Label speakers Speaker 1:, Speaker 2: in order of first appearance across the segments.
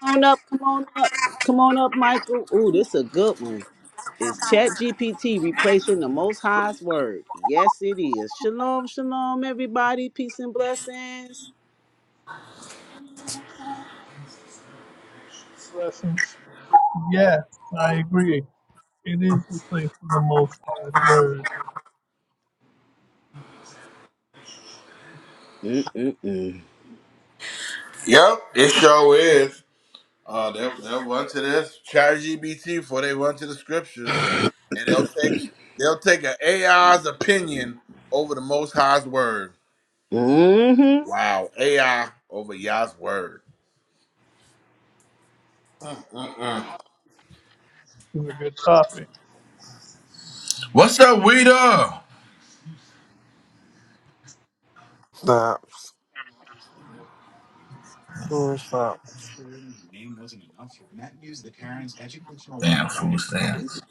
Speaker 1: Come on up, come on up, come on up, Michael. Ooh, this a good one. Is ChatGPT replacing the Most High's word? Yes, it is. Shalom, shalom, everybody. Peace and blessings.
Speaker 2: Blessings. Yes, I agree. It is the place for the most High's word.
Speaker 1: Mm-mm-mm.
Speaker 3: Yep, it sure is. Uh, they'll, they'll run to this chat GBT before they run to the scriptures, and they'll take they'll take an AI's opinion over the Most High's word.
Speaker 1: Mm-hmm.
Speaker 3: Wow, AI over Yah's word. Mm-mm-mm.
Speaker 2: It's a good topic.
Speaker 3: What's up, Weeda?
Speaker 4: Snaps. Full stop.
Speaker 3: Damn, food stamps.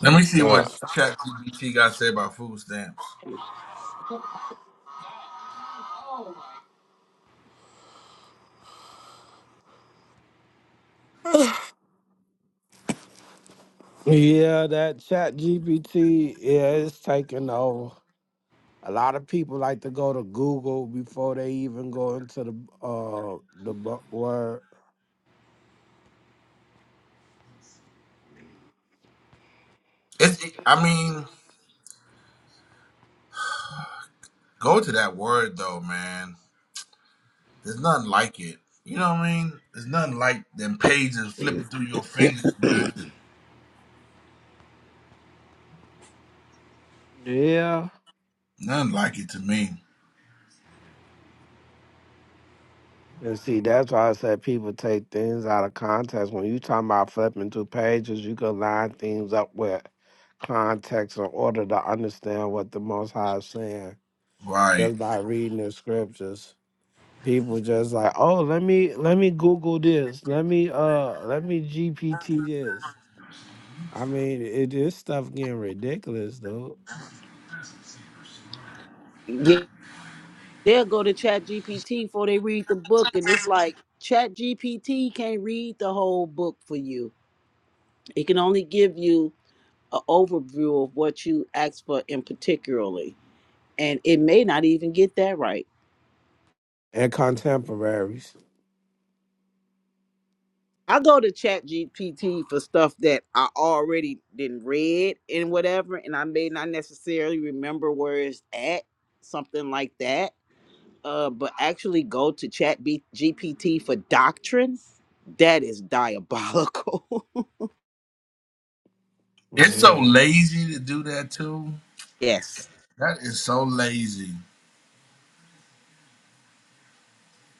Speaker 3: Let me see what
Speaker 4: Yeah.
Speaker 3: ChatGPT got to say about food stamps.
Speaker 4: Yeah, that chat GPT, yeah, it's taking over. A lot of people like to go to Google before they even go into the uh the bu- word.
Speaker 3: It's, I mean, go to that word though, man. There's nothing like it. You know what I mean? There's nothing like them pages flipping through your fingers, man.
Speaker 4: Yeah.
Speaker 3: Nothing like it to me.
Speaker 4: And see, that's why I said people take things out of context. When you talking about flipping through pages, you can line things up with context in order to understand what the Most High is saying
Speaker 3: Right.
Speaker 4: just by reading the scriptures. People just like, oh, let me let me Google this. Let me uh let me GPT this. I mean, it this stuff getting ridiculous though.
Speaker 1: Yeah, they'll go to ChatGPT before they read the book, and it's like ChatGPT can't read the whole book for you. It can only give you an overview of what you asked for in particularly, and it may not even get that right.
Speaker 4: And contemporaries.
Speaker 1: I go to ChatGPT for stuff that I already didn't read and whatever, and I may not necessarily remember where it's at, something like that. Uh, but actually go to ChatGPT for doctrine. That is diabolical.
Speaker 3: It's so
Speaker 4: Yeah.
Speaker 3: lazy to do that too.
Speaker 1: yes,
Speaker 3: That is so lazy.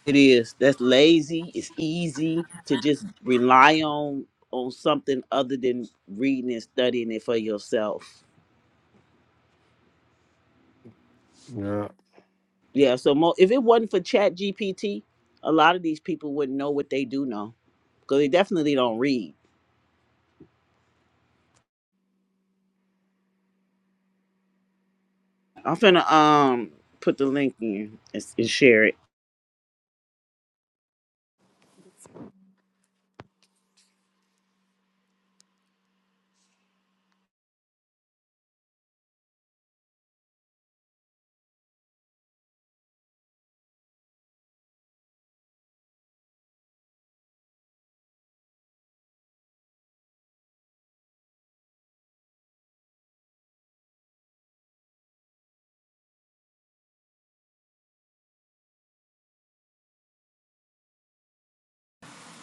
Speaker 1: it is. That's lazy. It's easy to just rely on on something other than reading and studying it for yourself.
Speaker 4: Yeah.
Speaker 1: Yeah, so mo- if it wasn't for Chat GPT, a lot of these people wouldn't know what they do know because they definitely don't read. I'm finna um put the link in and, and share it.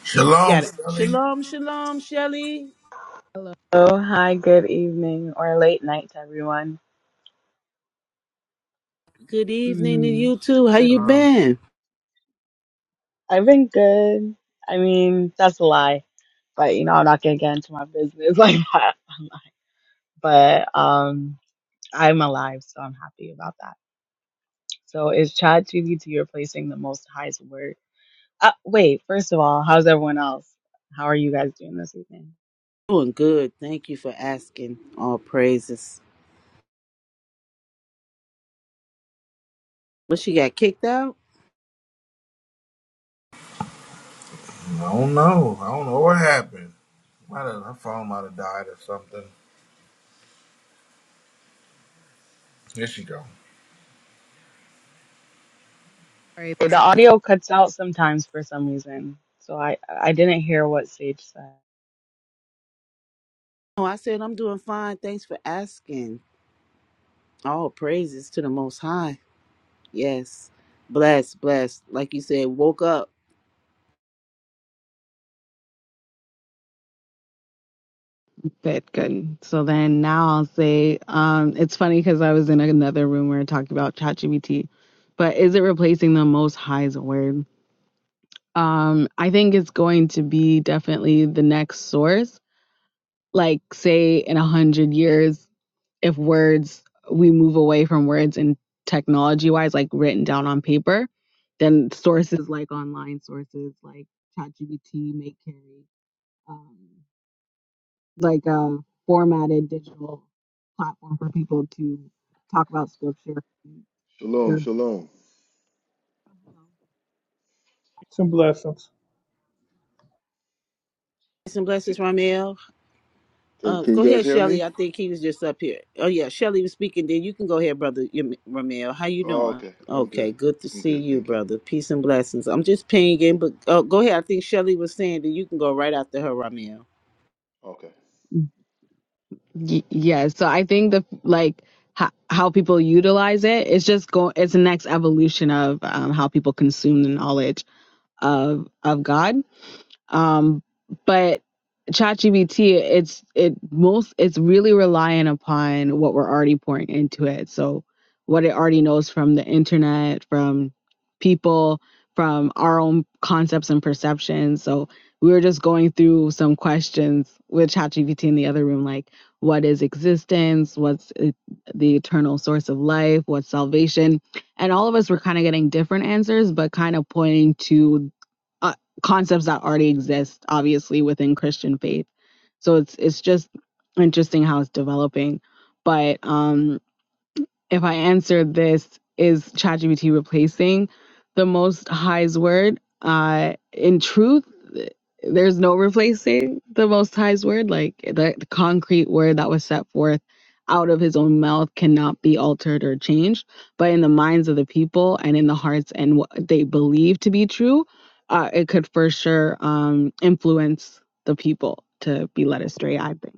Speaker 3: Shalom,
Speaker 1: got it.
Speaker 3: Philly.
Speaker 1: Shalom, shalom, Shelly.
Speaker 5: Hello. Oh, hi, good evening or late night to everyone.
Speaker 1: Good evening to
Speaker 5: Mm,
Speaker 1: you too. How
Speaker 5: the-
Speaker 1: you
Speaker 4: Hello.
Speaker 1: been?
Speaker 5: I've been good. I mean, that's a lie, but you know, I'm not gonna get into my business like that. But um, I'm alive, so I'm happy about that. So, is ChatGPT replacing the Most High's word? Uh, wait, first of all, how's everyone else? How are you guys doing this evening?
Speaker 1: Doing good. Thank you for asking. All praises. What she got kicked out?
Speaker 3: I don't know. I don't know what happened. Might have, her phone might have died or something. Here she go.
Speaker 5: Sorry. Okay, The audio cuts out sometimes for some reason, so I I didn't hear what Sage said.
Speaker 1: Oh, I said I'm doing fine. Thanks for asking. All praises to the Most High. Yes, blessed, blessed. Like you said, woke up.
Speaker 5: Good, good. So then now I'll say um, it's funny because I was in another room where we are talking about ChatGPT, but is it replacing the Most High as a word? Um, I think it's going to be definitely the next source. Like, say, in a hundred years, if words we move away from words and technology wise, like written down on paper, then sources like online sources like ChatGPT may carry. Um, like a formatted digital platform for people to talk about scripture. and
Speaker 6: Shalom,
Speaker 5: hear-
Speaker 6: shalom.
Speaker 2: Some blessings.
Speaker 1: Some
Speaker 6: Can,
Speaker 1: blessings, Ramel.
Speaker 6: can,
Speaker 1: Uh, go
Speaker 6: can you guys
Speaker 1: ahead,
Speaker 6: hear
Speaker 1: Shelly.
Speaker 6: me?
Speaker 1: I think he was just up here. Oh yeah, Shelly was speaking. Then you can go ahead, brother Yam- Ramel. How you
Speaker 6: Oh,
Speaker 1: doing?
Speaker 6: okay. I'm
Speaker 1: Okay,
Speaker 6: good.
Speaker 1: good to
Speaker 6: I'm
Speaker 1: see
Speaker 6: good.
Speaker 1: you,
Speaker 6: Thank you.
Speaker 1: brother. Peace and blessings. I'm just pinging, but uh, go ahead. I think Shelly was saying that you can go right after her, Ramel.
Speaker 6: Okay.
Speaker 5: Y- Yeah, so I think the like how, how people utilize it, it's just go. It's the next evolution of um, how people consume the knowledge of of God. Um, but ChatGPT, it's it most it's really relying upon what we're already pouring into it. So what it already knows from the internet, from people, from our own concepts and perceptions. So we were just going through some questions with ChatGPT in the other room, like what is existence, what's e- the eternal source of life, what's salvation, and all of us were kind of getting different answers, but kind of pointing to uh, concepts that already exist obviously within christian faith so it's it's just interesting how it's developing but um if I answer this, is ChatGPT replacing the most high's word? Uh, in truth, there's no replacing the most high's word. Like the, the concrete word that was set forth out of his own mouth cannot be altered or changed. But in the minds of the people and in the hearts and what they believe to be true, uh, it could for sure um, influence the people to be led astray, I think.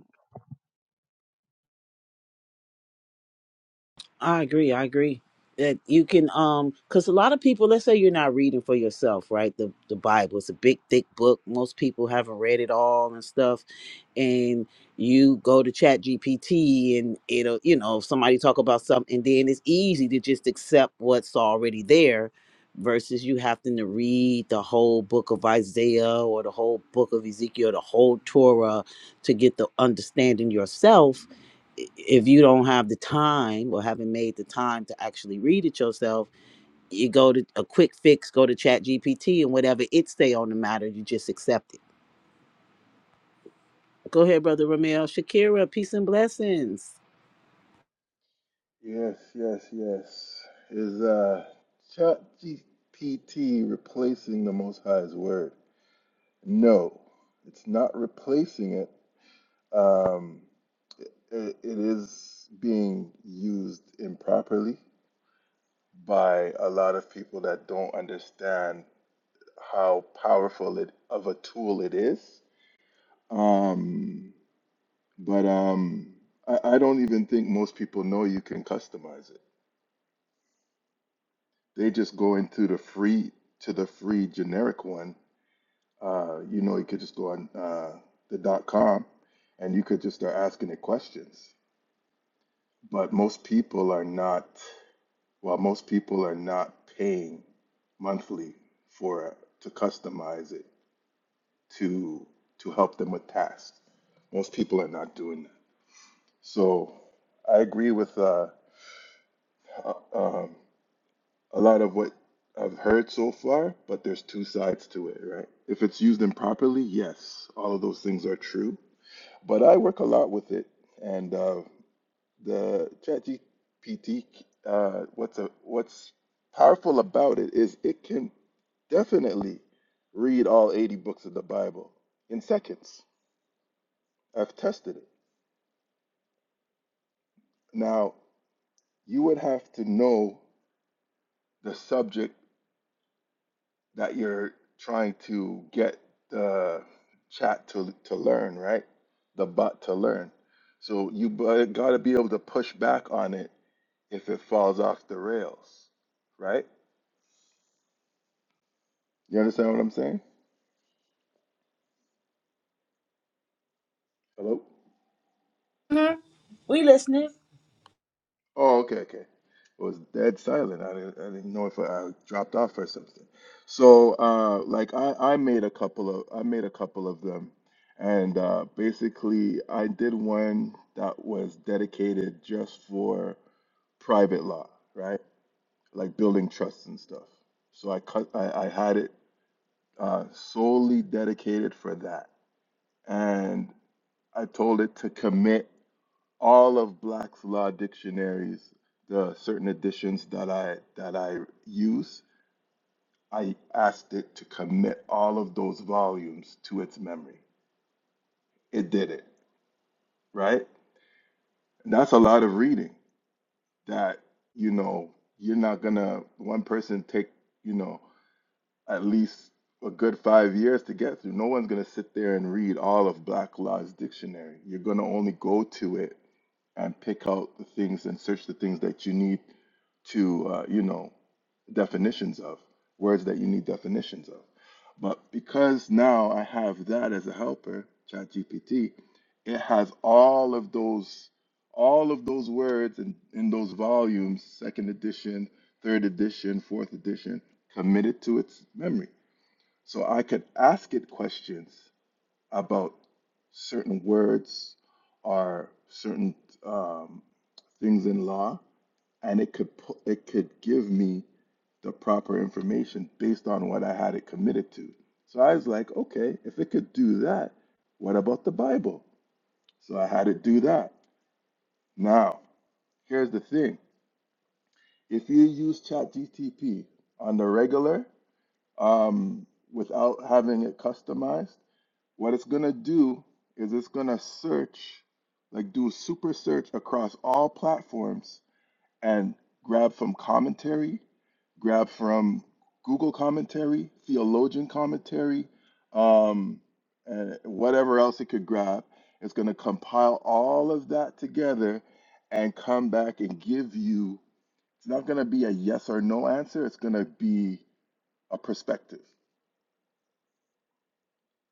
Speaker 1: I agree. I agree that you can um because a lot of people let's say you're not reading for yourself right the the bible is a big thick book most people haven't read it all and stuff and you go to chat gpt and it'll you know somebody talk about something and then it's easy to just accept what's already there versus you having to read the whole book of isaiah or the whole book of ezekiel the whole torah to get the understanding yourself if you don't have the time or haven't made the time to actually read it yourself, you go to a quick fix, go to Chat GPT and whatever it say on the matter, you just accept it. Go ahead, brother Ramel. Shakira, peace and blessings.
Speaker 6: Yes, yes, yes. Is uh, ChatGPT replacing the Most High's word? No, it's not replacing it. Um, it, it is being used improperly by a lot of people that don't understand how powerful it of a tool it is. Um, But um, I, I don't even think most people know you can customize it. They just go into the free to the free generic one. Uh, you know, you could just go on uh, the dot com, and you could just start asking it questions. But most people are not. Well, most people are not paying monthly for it, to customize it to to help them with tasks. Most people are not doing that. So I agree with uh, uh, um, a lot of what I've heard so far, but there's two sides to it, right? If it's used improperly, yes, all of those things are true. But I work a lot with it, and uh, the ChatGPT, uh, what's a, what's powerful about it is it can definitely read all 80 books of the Bible in seconds. I've tested it. Now, you would have to know the subject that you're trying to get the chat to to learn, right? The bot to learn. So you got to be able to push back on it if it falls off the rails, right? You understand what I'm saying? Hello?
Speaker 1: We listening.
Speaker 6: Oh, okay, okay. It was dead silent. I didn't, I didn't know if I dropped off or something. So, uh, like I, I made a couple of, I made a couple of them, and uh, basically I did one that was dedicated just for private law, right? Like building trusts and stuff. So I cut, I, I had it uh, solely dedicated for that, and I told it to commit all of Black's Law dictionaries, the certain editions that I that I use, I asked it to commit all of those volumes to its memory. It did it, right? And that's a lot of reading that, you know, you're not gonna one person take, you know, at least a good five years to get through. No one's gonna sit there and read all of Black Law's dictionary. You're gonna only go to it and pick out the things and search the things that you need to uh, you know definitions of words that you need definitions of but because now i have that as a helper ChatGPT, it has all of those all of those words and in, in those volumes second edition third edition fourth edition committed to its memory so i could ask it questions about certain words or certain um, things in law and it could pu- it could give me the proper information based on what I had it committed to. So I was like, okay, if it could do that, what about the Bible? So I had it do that. Now, here's the thing: if you use ChatGTP on the regular, um, without having it customized, what it's gonna do is it's gonna search, like do super search across all platforms and grab from commentary, grab from Google commentary, theologian commentary, um, and whatever else it could grab. It's going to compile all of that together and come back and give you. It's not going to be a yes or no answer. It's going to be a perspective,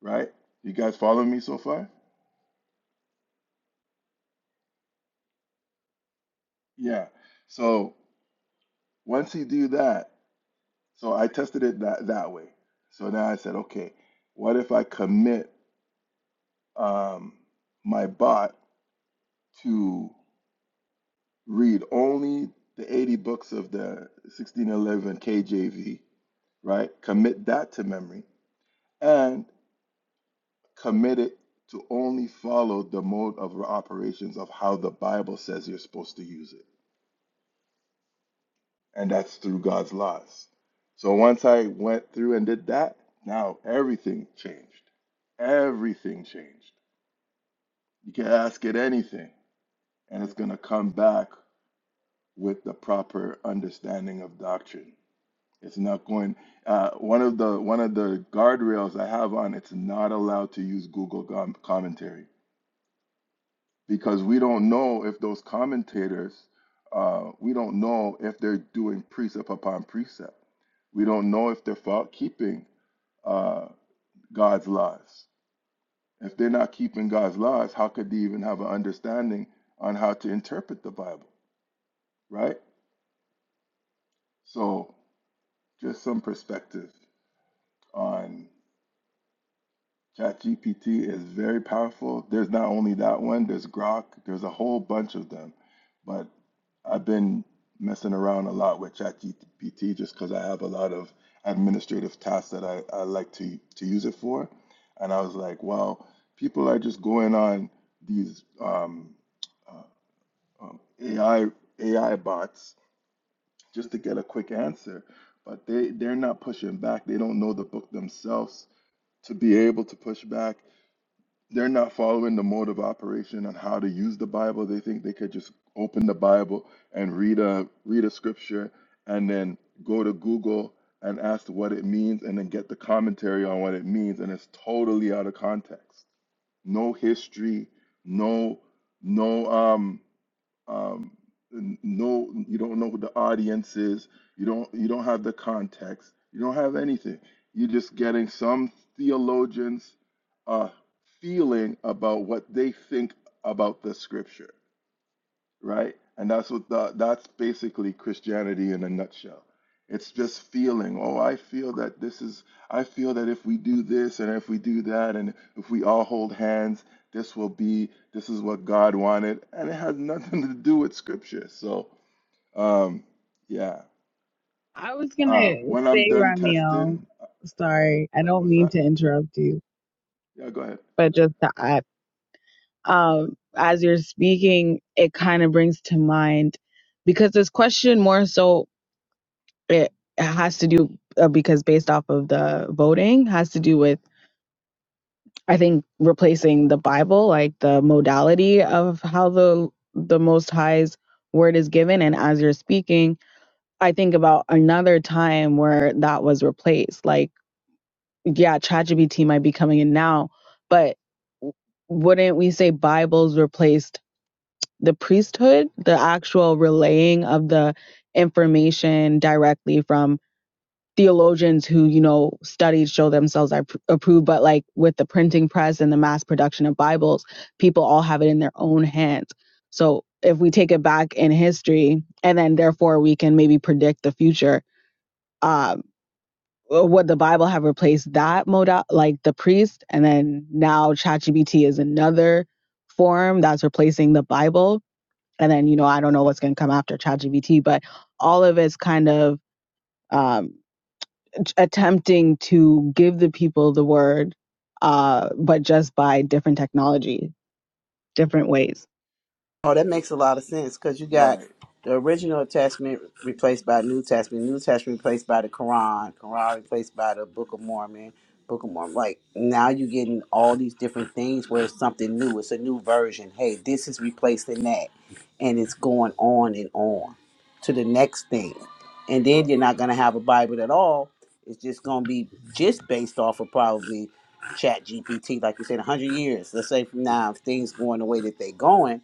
Speaker 6: right? You guys following me so far? Yeah. So once you do that, so I tested it that, that way. So now I said, okay, what if I commit? um, my bot to read only the 80 books of the 1611 KJV, right? Commit that to memory and commit it to only follow the mode of operations of how the Bible says you're supposed to use it. And that's through God's laws. So once I went through and did that, now everything changed. Everything changed. You can ask it anything, and it's going to come back with the proper understanding of doctrine. It's not going. Uh, one of the one of the guardrails I have on it's not allowed to use Google gom- commentary because we don't know if those commentators uh, we don't know if they're doing precept upon precept. We don't know if they're fault keeping uh, God's laws. If they're not keeping God's laws, how could they even have an understanding on how to interpret the Bible, right? So, just some perspective. on ChatGPT is very powerful. There's not only that one, there's Grok, there's a whole bunch of them. But I've been messing around a lot with ChatGPT just because I have a lot of administrative tasks that I, I like to, to use it for. And I was like, wow, people are just going on these um, uh, um, AI AI bots just to get a quick answer, but they they're not pushing back. They don't know the book themselves to be able to push back. They're not following the mode of operation on how to use the Bible. They think they could just open the Bible and read a read a scripture and then go to Google and ask what it means and then get the commentary on what it means and it's totally out of context. No history, no no um um, n- no you don't know who the audience is you don't you don't have the context you don't have anything you're just getting some theologians uh, feeling about what they think about the scripture right? And that's what the, that's basically Christianity in a nutshell. It's just feeling. Oh, I feel that this is. I feel that if we do this and if we do that and if we all hold hands, this will be. This is what God wanted, and it has nothing to do with Scripture. So, um, yeah.
Speaker 5: I was gonna
Speaker 6: Uh, when I'm
Speaker 5: say,
Speaker 6: done testing,
Speaker 5: Ramiel, sorry, I
Speaker 6: uh,
Speaker 5: don't
Speaker 6: what's
Speaker 5: mean
Speaker 6: that?
Speaker 5: to interrupt you,
Speaker 6: Yeah, go ahead.
Speaker 5: but just to add, um, as you're speaking, it kind of brings to mind because this question more so it has to do uh, because based off of the voting has to do with I think replacing the Bible, like the modality of how the the Most High's word is given, and as you're speaking, I think about another time where that was replaced. Like, yeah, ChatGPT might be coming in now, but wouldn't we say Bibles replaced the priesthood, the actual relaying of the information directly from theologians who you know studied show themselves are approved but like with the printing press and the mass production of bibles people all have it in their own hands so if we take it back in history and then therefore we can maybe predict the future um would the bible have replaced that modal like the priest and then now chatgpt is another form that's replacing the bible and then you know i don't know what's going to come after chatgpt but all of it's kind of um, attempting to give the people the word, uh, but just by different technology, different ways.
Speaker 1: Oh, that makes a lot of sense because you got
Speaker 6: Right.
Speaker 1: the original testament replaced by New Testament, New Testament replaced by the Quran, Quran replaced by the Book of Mormon, Book of Mormon. Like now you're getting all these different things where it's something new. It's a new version. Hey, this is replacing that, and it's going on and on to the next thing,
Speaker 6: Uh,
Speaker 1: and then
Speaker 6: uh,
Speaker 1: you're not gonna have a Bible at all. It's just gonna be just based off of probably Chat GPT, like you said, hundred years. Let's say from now, if things going the way that they're going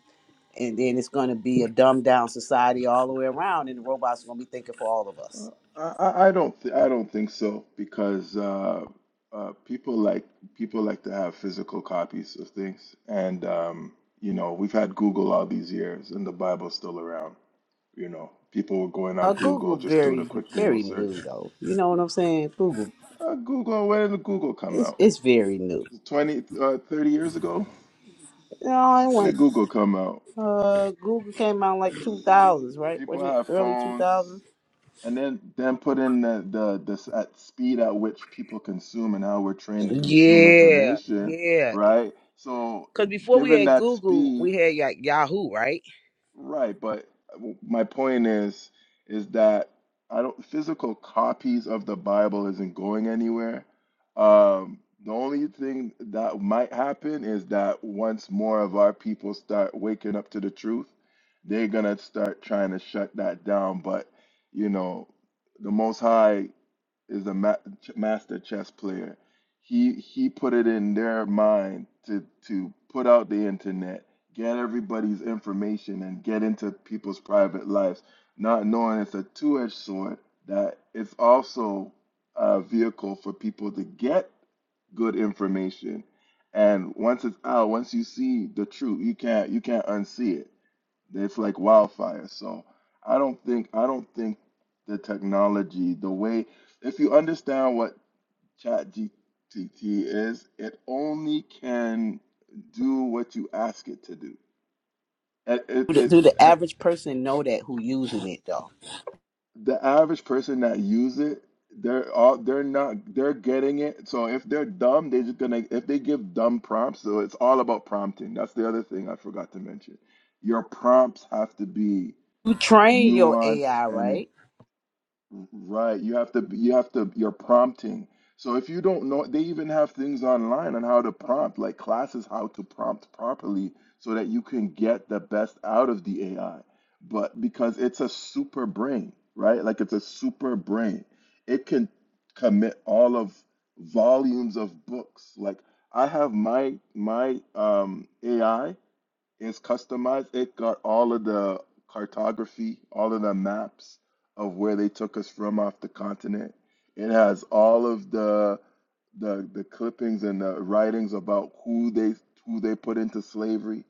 Speaker 1: and then it's going to be a dumbed down society all the way around, and the robots are going to be thinking for all of us.
Speaker 6: Uh, I, I I don't th I don't think so because uh, uh, people like people like to have physical copies of things, and um, you know we've had Google all these years, and the Bible's still around. You know, people were going
Speaker 1: Uh,
Speaker 6: on Google
Speaker 1: Google
Speaker 6: just doing a
Speaker 1: very
Speaker 6: quick Google
Speaker 1: very new
Speaker 6: search.
Speaker 1: though. You know what I'm saying? Google,
Speaker 6: Uh, Google, when did Google come
Speaker 1: it's
Speaker 6: out?
Speaker 1: it's very new.
Speaker 6: 20, uh, 30 years ago?
Speaker 1: You know, it
Speaker 6: When did
Speaker 1: went,
Speaker 6: Google come out?
Speaker 1: uh, Google came out in like 2000s, right?
Speaker 6: People
Speaker 1: Wasn't it
Speaker 6: have
Speaker 1: early
Speaker 6: phones.
Speaker 1: 2000s?
Speaker 6: And then then put in the the this at speed at which people consume and how we're trained to consume
Speaker 1: Yeah,
Speaker 6: information,
Speaker 1: yeah.
Speaker 6: right? So
Speaker 1: Because before we
Speaker 6: given
Speaker 1: had
Speaker 6: that
Speaker 1: Google, we
Speaker 6: speed.
Speaker 1: had Ya- Yahoo, right?
Speaker 6: Right, but uh, w- my point is is that I don't physical copies of the Bible isn't going anywhere. Um, the only thing that might happen is that once more of our people start waking up to the truth, they're gonna start trying to shut that down. But you know, the Most High is a ma ch- master chess player. He he put it in their mind to to put out the internet, get everybody's information, and get into people's private lives, not knowing it's a two-edged sword that it's also a vehicle for people to get good information. And once it's out, once you see the truth, you can't you can't unsee it. It's like wildfire. So I don't think I don't think the technology, the way if you understand what ChatGPT is, it only can do what you ask it to do. And it,
Speaker 1: Do the,
Speaker 6: it,
Speaker 1: do the
Speaker 6: it
Speaker 1: average person know that who using it though?
Speaker 6: the average person that use it, they're all they're not they're getting it. So if they're dumb, they're just gonna if they give dumb prompts, so it's all about prompting. That's the other thing I forgot to mention. Your prompts have to be
Speaker 1: You train your
Speaker 6: nuanced
Speaker 1: AI,
Speaker 6: and
Speaker 1: right?
Speaker 6: Right. You have to, you have to, you're prompting. So if you don't know, they even have things online on how to prompt, like classes how to prompt properly so that you can get the best out of the AI. But because it's a super brain, right? Like it's a super brain. It can commit all of volumes of books. Like I have my my um AI. It's customized. It got all of the cartography, all of the maps of where they took us from off the continent. It has all of the the the clippings and the writings about who they who they put into slavery.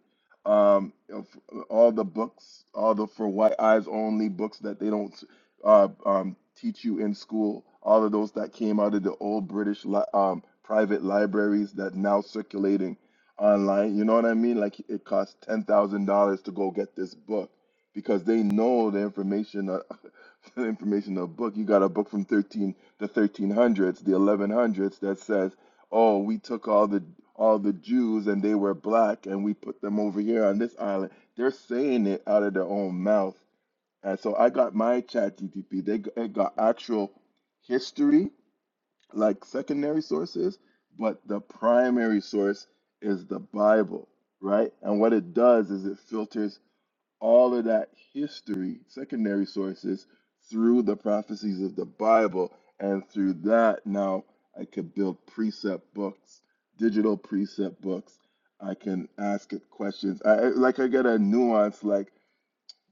Speaker 6: Um, of all the books, all the for white eyes only books that they don't uh, um, teach you in school. All of those that came out of the old British li um, private libraries that now circulating online. You know what I mean? Like it costs ten thousand dollars to go get this book because they know the information, uh, the information of a book. You got a book from thirteen the thirteen hundreds, the eleven hundreds that says, "Oh, we took all the all the Jews and they were black and we put them over here on this island." They're saying it out of their own mouth, and so I got my chat GTP. They g- it got actual history like secondary sources, but the primary source is the Bible, right? And what it does is it filters all of that history, secondary sources, through the prophecies of the Bible. And through that, now I could build precept books, digital precept books. I can ask it questions. I I- like I get a nuance like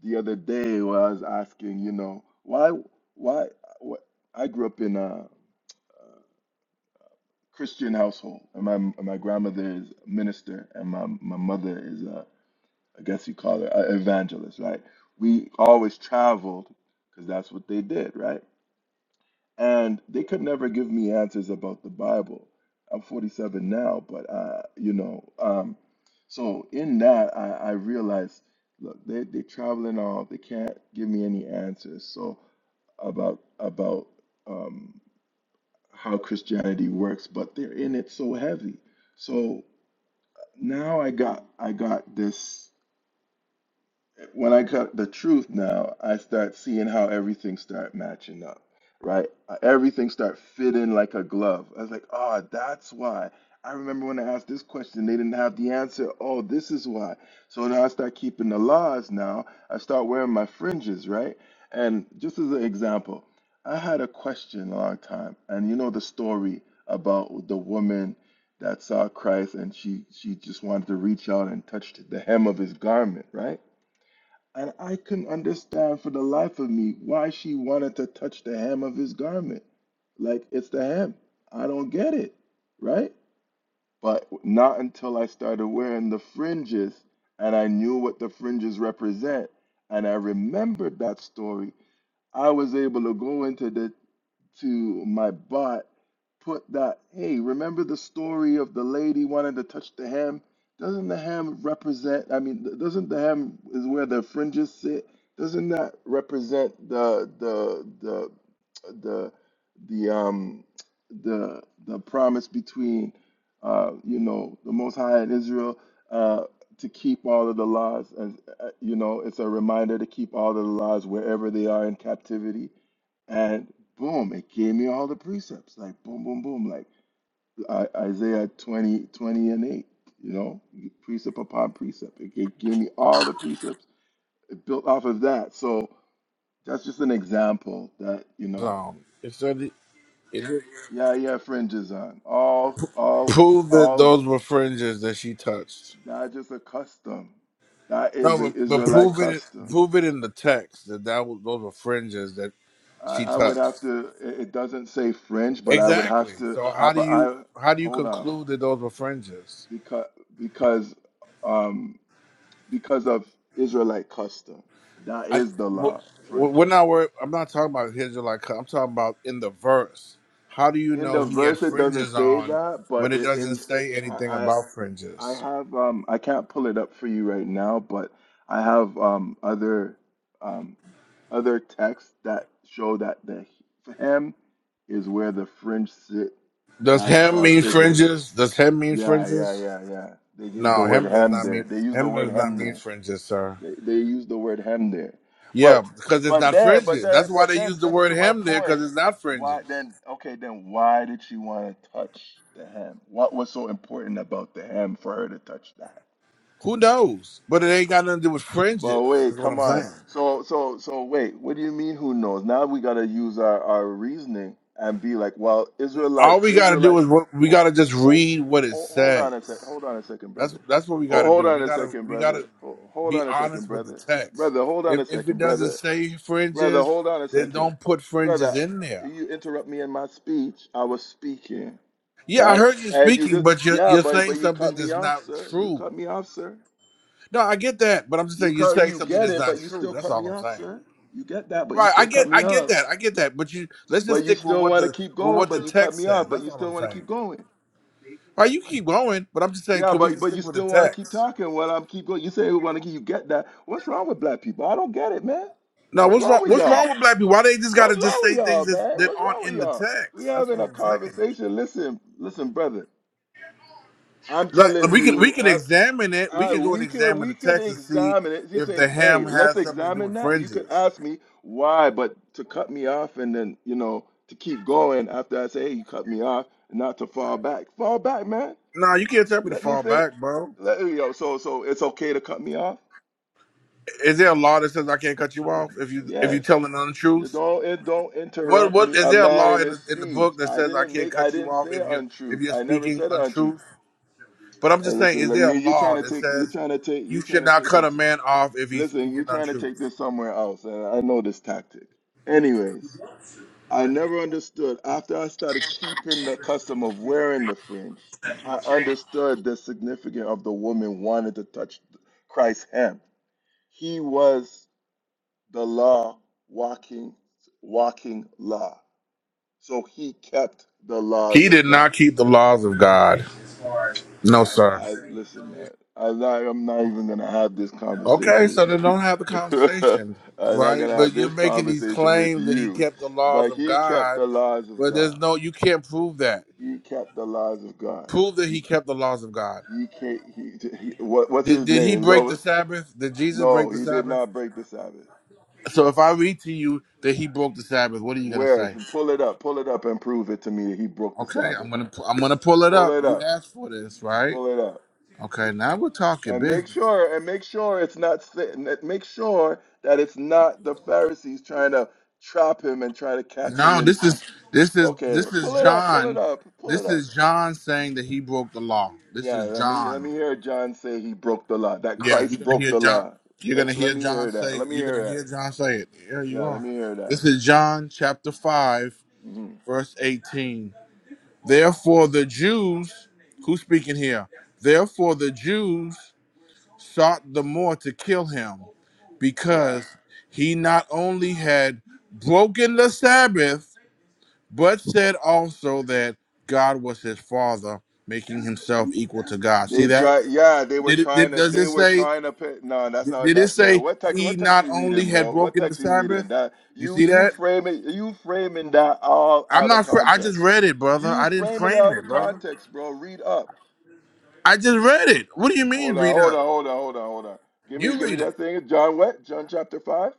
Speaker 6: the other day where I was asking, you know, why, why, what? I grew up in Christian household, and my and my grandmother is a minister, and my my mother is a I guess you call her an evangelist, right? We always traveled because that's what they did, right? And they could never give me answers about the Bible. I'm 47 now, but uh, you know, um, so in that I, I realized, look, they they traveling all, they can't give me any answers. So about about um how Christianity works, but they're in it so heavy. So now I got I got this when I cut the truth now, I start seeing how everything start matching up, right? Uh, Everything start fitting like a glove. I was like, oh, that's why. I remember when I asked this question, they didn't have the answer. Oh, this is why. So now I start keeping the laws now. I start wearing my fringes, right? And just as an example, I had a question a long time, and you know the story about the woman that saw Christ and she she just wanted to reach out and touch the hem of his garment, right? And I couldn't understand for the life of me why she wanted to touch the hem of his garment. Like it's the hem. I don't get it, right? But not until I started wearing the fringes and I knew what the fringes represent. And I remembered that story I was able to go into the to my bot, put that, hey, remember the story of the lady wanting to touch the hem? Doesn't the hem represent, I mean, th- doesn't the hem is where the fringes sit? Doesn't that represent the the the the the um the the promise between uh you know the most high and Israel uh, to keep all of the laws and uh, you know it's a reminder to keep all of the laws wherever they are in captivity and boom it gave me all the precepts like boom boom boom like I, isaiah 20 20 and 8 you know precept upon precept it gave gave me all the precepts it built off of that so that's just an example that you know
Speaker 3: Um, it said it, it
Speaker 6: yeah yeah fringes on all all
Speaker 3: proved that
Speaker 6: all
Speaker 3: those were fringes that she touched.
Speaker 6: that just a custom that
Speaker 3: No,
Speaker 6: is the
Speaker 3: but, but
Speaker 6: israelite
Speaker 3: prove it.
Speaker 6: custom
Speaker 3: Prove it in the text that that was, those were fringes that
Speaker 6: I,
Speaker 3: she
Speaker 6: I would
Speaker 3: touched.
Speaker 6: have to. It it doesn't say fringe, but I would
Speaker 3: Exactly.
Speaker 6: have to.
Speaker 3: So
Speaker 6: I
Speaker 3: how do
Speaker 6: but
Speaker 3: you
Speaker 6: I
Speaker 3: how do you
Speaker 6: hold on
Speaker 3: conclude that those were fringes?
Speaker 6: because because um because of Israelite custom. That
Speaker 3: I
Speaker 6: is the
Speaker 3: w-
Speaker 6: law. For
Speaker 3: w- we're not worried. I'm not talking about his or like her. I'm talking about in the verse. How do you
Speaker 6: in
Speaker 3: know
Speaker 6: the
Speaker 3: he had
Speaker 6: verse it doesn't
Speaker 3: fringes
Speaker 6: say
Speaker 3: on
Speaker 6: that, but
Speaker 3: when it
Speaker 6: i-
Speaker 3: doesn't
Speaker 6: in it
Speaker 3: say anything
Speaker 6: I
Speaker 3: about
Speaker 6: I I
Speaker 3: fringes?
Speaker 6: have um I can't pull it up for you right now, but I have um other um other texts that show that the hem is where the fringe sit.
Speaker 3: Does
Speaker 6: That's
Speaker 3: him
Speaker 6: how
Speaker 3: mean
Speaker 6: Israel.
Speaker 3: fringes? Does him mean
Speaker 6: Yeah, yeah,
Speaker 3: fringes?
Speaker 6: yeah, yeah. They use
Speaker 3: No,
Speaker 6: the word
Speaker 3: him does
Speaker 6: ham
Speaker 3: not
Speaker 6: there.
Speaker 3: mean
Speaker 6: They use the
Speaker 3: him
Speaker 6: word
Speaker 3: does not
Speaker 6: ham
Speaker 3: mean
Speaker 6: there.
Speaker 3: fringes, sir.
Speaker 6: They they use the word ham there.
Speaker 3: Yeah,
Speaker 6: But
Speaker 3: because it's
Speaker 6: but
Speaker 3: not
Speaker 6: then but
Speaker 3: fringes.
Speaker 6: then
Speaker 3: That's why
Speaker 6: but
Speaker 3: they
Speaker 6: then
Speaker 3: use the
Speaker 6: just
Speaker 3: word
Speaker 6: to my
Speaker 3: him there because
Speaker 6: point,
Speaker 3: it's not
Speaker 6: why
Speaker 3: fringes.
Speaker 6: then okay, then why did she want to touch the ham? What was so important about the ham for her to touch that?
Speaker 3: Who knows? But it ain't got nothing to do with fringes.
Speaker 6: But
Speaker 3: Is
Speaker 6: wait,
Speaker 3: what I'm
Speaker 6: come on.
Speaker 3: saying.
Speaker 6: So so so wait, what do you mean who knows? Now we gotta use our, our reasoning and be like, well, Israelite,
Speaker 3: all we gotta do
Speaker 6: Israelite,
Speaker 3: is what we
Speaker 6: hold,
Speaker 3: gotta just read what it
Speaker 6: hold, hold
Speaker 3: says.
Speaker 6: on a sec, hold on a second,
Speaker 3: That's
Speaker 6: brother.
Speaker 3: that's what we
Speaker 6: Hold,
Speaker 3: gotta
Speaker 6: hold
Speaker 3: do.
Speaker 6: on
Speaker 3: We
Speaker 6: a
Speaker 3: gotta
Speaker 6: second,
Speaker 3: we gotta
Speaker 6: brother. Ho- Hold
Speaker 3: be
Speaker 6: on a second,
Speaker 3: honest with the
Speaker 6: brother.
Speaker 3: text.
Speaker 6: Brother, hold on
Speaker 3: If
Speaker 6: a
Speaker 3: if it
Speaker 6: second,
Speaker 3: doesn't
Speaker 6: brother.
Speaker 3: say
Speaker 6: Brother,
Speaker 3: fringes,
Speaker 6: hold on a
Speaker 3: then
Speaker 6: second.
Speaker 3: don't put fringes
Speaker 6: Brother,
Speaker 3: in there.
Speaker 6: you interrupt me in my speech. I was speaking,
Speaker 3: Yeah, I
Speaker 6: right?
Speaker 3: heard you
Speaker 6: And you
Speaker 3: speaking,
Speaker 6: just,
Speaker 3: but you're
Speaker 6: yeah,
Speaker 3: you're
Speaker 6: but
Speaker 3: saying
Speaker 6: but you
Speaker 3: something
Speaker 6: cut me
Speaker 3: that's
Speaker 6: off,
Speaker 3: not
Speaker 6: sir. You
Speaker 3: true.
Speaker 6: cut me off, sir.
Speaker 3: No, I get that, but I'm just
Speaker 6: You
Speaker 3: saying you're
Speaker 6: cut,
Speaker 3: saying
Speaker 6: you
Speaker 3: something
Speaker 6: get
Speaker 3: that's
Speaker 6: it,
Speaker 3: not
Speaker 6: but you
Speaker 3: true.
Speaker 6: still
Speaker 3: That's
Speaker 6: cut
Speaker 3: all
Speaker 6: me
Speaker 3: I'm
Speaker 6: off,
Speaker 3: saying.
Speaker 6: sir. You get that, but you
Speaker 3: Right, I
Speaker 6: still cut
Speaker 3: get
Speaker 6: me
Speaker 3: I get
Speaker 6: off.
Speaker 3: that. I get that. But you let's just
Speaker 6: But you
Speaker 3: stick with
Speaker 6: still
Speaker 3: what
Speaker 6: want to
Speaker 3: the
Speaker 6: keep
Speaker 3: with
Speaker 6: going,
Speaker 3: what the
Speaker 6: but you cut
Speaker 3: text
Speaker 6: me
Speaker 3: says.
Speaker 6: off, but
Speaker 3: That's
Speaker 6: you
Speaker 3: all
Speaker 6: still
Speaker 3: I'm
Speaker 6: want to
Speaker 3: saying.
Speaker 6: keep going.
Speaker 3: All right, you keep going, but I'm just saying,
Speaker 6: Yeah,
Speaker 3: can we
Speaker 6: but
Speaker 3: just
Speaker 6: but you
Speaker 3: stick with the
Speaker 6: still want to keep
Speaker 3: text?
Speaker 6: talking while I'm keep going. You say you want to keep, you get that. What's wrong with black people? I don't get it, man.
Speaker 3: Now,
Speaker 6: What's
Speaker 3: what's wrong?
Speaker 6: wrong with
Speaker 3: What's wrong
Speaker 6: y'all?
Speaker 3: with black people? Why they just gotta
Speaker 6: What's
Speaker 3: just
Speaker 6: wrong
Speaker 3: say
Speaker 6: with
Speaker 3: things
Speaker 6: y'all,
Speaker 3: that,
Speaker 6: man?
Speaker 3: that
Speaker 6: What's
Speaker 3: aren't
Speaker 6: wrong with
Speaker 3: in the
Speaker 6: y'all? We
Speaker 3: text? That's
Speaker 6: having a
Speaker 3: what I'm saying.
Speaker 6: conversation. Listen, listen, brother. I'm
Speaker 3: Like like,
Speaker 6: telling
Speaker 3: we can we
Speaker 6: you.
Speaker 3: can
Speaker 6: I,
Speaker 3: examine it. We
Speaker 6: All right,
Speaker 3: can go and
Speaker 6: we could
Speaker 3: examine the
Speaker 6: we could
Speaker 3: text and see
Speaker 6: examine it. You
Speaker 3: if
Speaker 6: say,
Speaker 3: the
Speaker 6: hey,
Speaker 3: ham
Speaker 6: let's
Speaker 3: has something to do
Speaker 6: examine
Speaker 3: with
Speaker 6: that. You could
Speaker 3: fringes.
Speaker 6: ask me why, but to cut me off and then you know to keep going after I say, hey, you cut me off, not to fall back. Fall back, man.
Speaker 3: Nah, you can't tell me to
Speaker 6: Let me
Speaker 3: fall
Speaker 6: finish.
Speaker 3: back, bro.
Speaker 6: Let you know. So so it's okay to cut me off.
Speaker 3: Is there a law that says I can't cut you off if you if you
Speaker 6: Yes.
Speaker 3: telling the
Speaker 6: You
Speaker 3: untruth?
Speaker 6: don't it don't
Speaker 3: What
Speaker 6: interrupt
Speaker 3: what
Speaker 6: me
Speaker 3: is
Speaker 6: a
Speaker 3: there a
Speaker 6: man
Speaker 3: law
Speaker 6: in
Speaker 3: in the
Speaker 6: his
Speaker 3: in the
Speaker 6: speech.
Speaker 3: book that
Speaker 6: I
Speaker 3: says I
Speaker 6: didn't
Speaker 3: can't
Speaker 6: make I
Speaker 3: cut you
Speaker 6: didn't
Speaker 3: off
Speaker 6: say
Speaker 3: if you're if
Speaker 6: untruth.
Speaker 3: you're
Speaker 6: I never
Speaker 3: speaking
Speaker 6: said untruth.
Speaker 3: untruth? But I'm
Speaker 6: Uh,
Speaker 3: just saying,
Speaker 6: listen,
Speaker 3: is
Speaker 6: like,
Speaker 3: there a
Speaker 6: you, you're trying
Speaker 3: law
Speaker 6: to
Speaker 3: that
Speaker 6: take you're
Speaker 3: says
Speaker 6: trying to take
Speaker 3: you
Speaker 6: you're trying
Speaker 3: should
Speaker 6: to
Speaker 3: not
Speaker 6: take
Speaker 3: cut
Speaker 6: it.
Speaker 3: a man off if he's
Speaker 6: Listen,
Speaker 3: speaking
Speaker 6: you're trying to
Speaker 3: untruth?
Speaker 6: take this somewhere else, and I know this tactic. Anyways, I never understood. After I started keeping the custom of wearing the fringe, I understood the significance of the woman wanting to touch Christ's hem. He was the law walking, walking law. So he kept the laws
Speaker 3: He
Speaker 6: of
Speaker 3: did not
Speaker 6: God.
Speaker 3: keep the laws of God. No, sir.
Speaker 6: I listen, man. I'm not. I'm not even gonna have this
Speaker 3: Okay,
Speaker 6: conversation
Speaker 3: so
Speaker 6: with
Speaker 3: they
Speaker 6: you.
Speaker 3: don't have the conversation,
Speaker 6: I'm not
Speaker 3: right?
Speaker 6: gonna have
Speaker 3: But you're
Speaker 6: this
Speaker 3: making these
Speaker 6: conversation with
Speaker 3: claims that he
Speaker 6: you.
Speaker 3: kept the laws
Speaker 6: But
Speaker 3: of
Speaker 6: he kept the
Speaker 3: God,
Speaker 6: laws of
Speaker 3: but there's
Speaker 6: God.
Speaker 3: no, you can't prove that.
Speaker 6: He kept the laws of God.
Speaker 3: Prove that
Speaker 6: He
Speaker 3: he kept the laws of God.
Speaker 6: he can't. He, he what what's
Speaker 3: Did,
Speaker 6: his
Speaker 3: did he
Speaker 6: name?
Speaker 3: break the
Speaker 6: No,
Speaker 3: Sabbath? Did Jesus break
Speaker 6: no,
Speaker 3: the
Speaker 6: he did
Speaker 3: Sabbath?
Speaker 6: not break the Sabbath.
Speaker 3: So if I read to you that he broke the Sabbath, what are you gonna
Speaker 6: Where?
Speaker 3: say?
Speaker 6: Pull it up. Pull it up and prove it to me that he broke the
Speaker 3: Okay, I'm
Speaker 6: Sabbath.
Speaker 3: gonna pu- I'm gonna pull it
Speaker 6: Pull
Speaker 3: up.
Speaker 6: it
Speaker 3: You
Speaker 6: up.
Speaker 3: asked for this, right?
Speaker 6: Pull it up.
Speaker 3: Okay, now we're talking
Speaker 6: And make
Speaker 3: business.
Speaker 6: sure, and make sure it's not, sa- and that- make sure that it's not the Pharisees trying to trap him and try to catch him.
Speaker 3: No,
Speaker 6: And
Speaker 3: this is this is
Speaker 6: okay,
Speaker 3: this is
Speaker 6: pull it up, pull it
Speaker 3: John.
Speaker 6: up, pull it
Speaker 3: This
Speaker 6: up.
Speaker 3: is John saying that he broke the law. This
Speaker 6: Yeah,
Speaker 3: is
Speaker 6: let me let
Speaker 3: John.
Speaker 6: me hear John say he broke the law. That
Speaker 3: Yeah, you're
Speaker 6: Christ
Speaker 3: gonna
Speaker 6: broke
Speaker 3: hear
Speaker 6: the
Speaker 3: John.
Speaker 6: law.
Speaker 3: You're gonna
Speaker 6: Let's let
Speaker 3: hear
Speaker 6: me
Speaker 3: John
Speaker 6: hear that.
Speaker 3: say.
Speaker 6: Let me
Speaker 3: You're gonna
Speaker 6: hear that.
Speaker 3: hear John say it. There you
Speaker 6: Yeah, let
Speaker 3: are.
Speaker 6: me hear that.
Speaker 3: This is John chapter five,
Speaker 6: hmm
Speaker 3: verse eighteen. Therefore the Jews, who's speaking here? Therefore the Jews sought the more to kill him,
Speaker 6: Yeah.
Speaker 3: because he not only had broken the Sabbath but said also that God was his father, making himself equal to God. See
Speaker 6: They
Speaker 3: that?
Speaker 6: try, yeah. They were
Speaker 3: Did it?
Speaker 6: trying
Speaker 3: Did,
Speaker 6: to,
Speaker 3: does it
Speaker 6: they were
Speaker 3: say?
Speaker 6: trying to pay. No, that's not.
Speaker 3: Did it
Speaker 6: That's uh,
Speaker 3: say
Speaker 6: what text.
Speaker 3: he
Speaker 6: What text
Speaker 3: not
Speaker 6: you
Speaker 3: only
Speaker 6: reading,
Speaker 3: had
Speaker 6: bro? What
Speaker 3: broken the
Speaker 6: text you
Speaker 3: Sabbath?
Speaker 6: reading? That
Speaker 3: You
Speaker 6: you
Speaker 3: see
Speaker 6: you
Speaker 3: that?
Speaker 6: framing you framing that all
Speaker 3: I'm
Speaker 6: out of
Speaker 3: not. fr- I just
Speaker 6: context.
Speaker 3: read it, brother.
Speaker 6: You
Speaker 3: I didn't
Speaker 6: framing it
Speaker 3: frame
Speaker 6: out
Speaker 3: it,
Speaker 6: of
Speaker 3: brother.
Speaker 6: context, bro. Read up.
Speaker 3: I just read it. What do you mean,
Speaker 6: Hold on,
Speaker 3: read
Speaker 6: hold
Speaker 3: up?
Speaker 6: on, hold on, hold on, hold on. Give me,
Speaker 3: You
Speaker 6: give me
Speaker 3: read it.
Speaker 6: that thing. John what? John chapter five.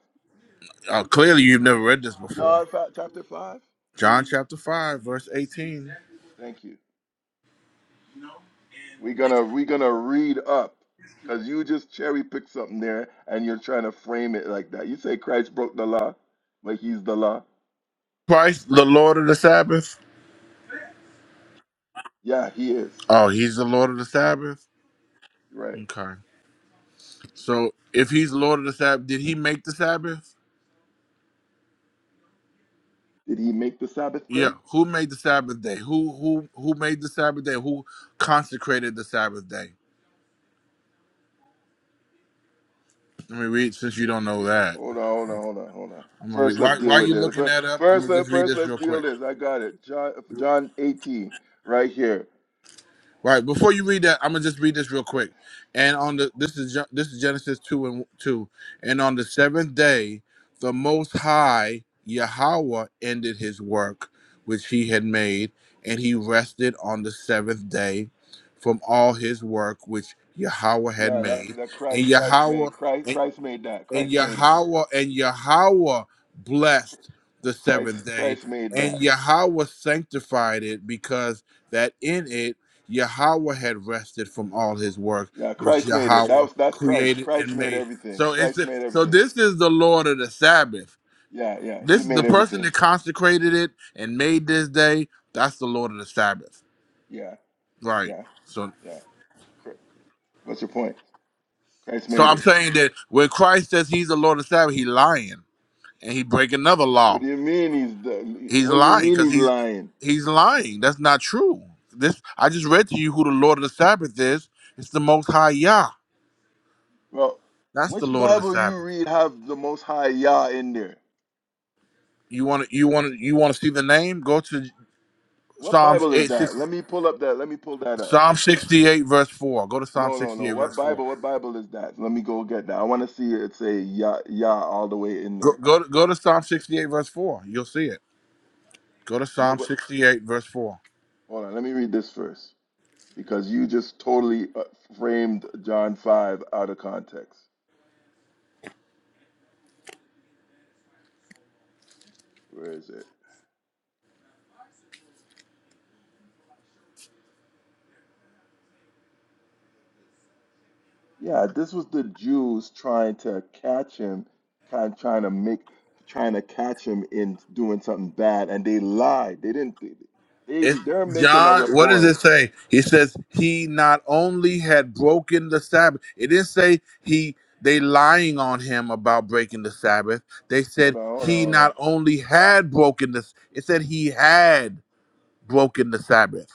Speaker 3: Uh, clearly, you've never read this before.
Speaker 6: John fa- chapter five.
Speaker 3: John chapter five, verse eighteen.
Speaker 6: Thank you. We're gonna we're gonna read up. Cause you just cherry pick something there and you're trying to frame it like that. You say Christ broke the law, but he's the law.
Speaker 3: Christ, the Lord of the Sabbath.
Speaker 6: Yeah, he is.
Speaker 3: Oh, he's the Lord of the Sabbath.
Speaker 6: Right.
Speaker 3: Okay. So if he's Lord of the Sabbath, did he make the Sabbath?
Speaker 6: Did he make the Sabbath
Speaker 3: Yeah.
Speaker 6: day?
Speaker 3: Who made the Sabbath day? Who who who made the Sabbath day? Who consecrated the Sabbath day? Let me read since you don't know that.
Speaker 6: Hold on, hold on, hold on, hold on.
Speaker 3: I'm gonna read.
Speaker 6: First, let's
Speaker 3: Why why
Speaker 6: deal with
Speaker 3: you
Speaker 6: this.
Speaker 3: looking
Speaker 6: Fir-
Speaker 3: that up? I'm
Speaker 6: First,
Speaker 3: gonna
Speaker 6: let
Speaker 3: just read
Speaker 6: first
Speaker 3: this
Speaker 6: let's
Speaker 3: real
Speaker 6: deal
Speaker 3: quick.
Speaker 6: this. I got it. John, John 18, right here.
Speaker 3: Right before you read that, I'm gonna just read this real
Speaker 6: But-
Speaker 3: quick. And on the this is Gen- this is Genesis two and two. And on the seventh day, the Most High Yahweh ended His work which He had made, and He rested on the seventh day from all His work which Yahweh had
Speaker 6: Yeah, that's
Speaker 3: made.
Speaker 6: that
Speaker 3: And
Speaker 6: Christ. Christ
Speaker 3: Yahweh
Speaker 6: made Christ. Christ made that.
Speaker 3: and
Speaker 6: Christ made it.
Speaker 3: Yahweh and Yahweh blessed the seventh
Speaker 6: Christ.
Speaker 3: day,
Speaker 6: Christ made
Speaker 3: and
Speaker 6: that.
Speaker 3: Yahweh sanctified it because that in it Yahweh had rested from all his work
Speaker 6: Yeah,
Speaker 3: which
Speaker 6: Christ made it. That
Speaker 3: Yahweh
Speaker 6: was that's Christ.
Speaker 3: created
Speaker 6: Christ
Speaker 3: and
Speaker 6: made
Speaker 3: made.
Speaker 6: everything.
Speaker 3: So it's
Speaker 6: Christ made
Speaker 3: so
Speaker 6: everything.
Speaker 3: this is the Lord of the Sabbath.
Speaker 6: Yeah, yeah.
Speaker 3: This
Speaker 6: He
Speaker 3: is the
Speaker 6: made
Speaker 3: person that
Speaker 6: everything.
Speaker 3: consecrated it and made this day. That's the Lord of the Sabbath,
Speaker 6: Yeah,
Speaker 3: right?
Speaker 6: yeah,
Speaker 3: So,
Speaker 6: yeah. Cr- What's your point? Christ
Speaker 3: so
Speaker 6: made
Speaker 3: I'm
Speaker 6: it.
Speaker 3: saying that when Christ says He's the Lord of the Sabbath, He lying and He break another law.
Speaker 6: What do you mean he's the,
Speaker 3: He's
Speaker 6: what do you
Speaker 3: lying
Speaker 6: mean
Speaker 3: because
Speaker 6: he's
Speaker 3: he's
Speaker 6: lying?
Speaker 3: he's lying. That's not true. This I just read to you who the Lord of the Sabbath is. It's the Most High Yah.
Speaker 6: Well,
Speaker 3: That's the
Speaker 6: which
Speaker 3: Lord of the
Speaker 6: Bible you
Speaker 3: Sabbath.
Speaker 6: read have the most high Yah in there?
Speaker 3: You want to you want to you want to see the name? Go to
Speaker 6: What
Speaker 3: Psalms
Speaker 6: Bible is
Speaker 3: eight sixty
Speaker 6: that? Let me pull up that. Let me pull that up.
Speaker 3: Psalm sixty eight verse four. Go to Psalm
Speaker 6: No, no,
Speaker 3: sixty
Speaker 6: no.
Speaker 3: eight
Speaker 6: What
Speaker 3: verse four.
Speaker 6: Bible? What Bible is that? Let me go get that. I want to see it say Yah, Yah all the way in
Speaker 3: Go
Speaker 6: there.
Speaker 3: go to, go to Psalm sixty eight verse four. You'll see it. Go to
Speaker 6: No,
Speaker 3: Psalm
Speaker 6: but
Speaker 3: sixty eight verse four.
Speaker 6: hold on. Let me read this first because you just totally uh, framed John 5 out of context. Where is it? Yeah, this was the Jews trying to catch him, kind of trying to make, trying to catch him in doing something bad, and they lied. They didn't. They
Speaker 3: It,
Speaker 6: they're making a
Speaker 3: John, what does it
Speaker 6: report.
Speaker 3: say? He says he not only had broken the Sabbath. It didn't say he they lying on him about breaking the Sabbath. They said
Speaker 6: Hold on, hold on,
Speaker 3: he
Speaker 6: hold on.
Speaker 3: not only had broken this. It said he had broken the Sabbath.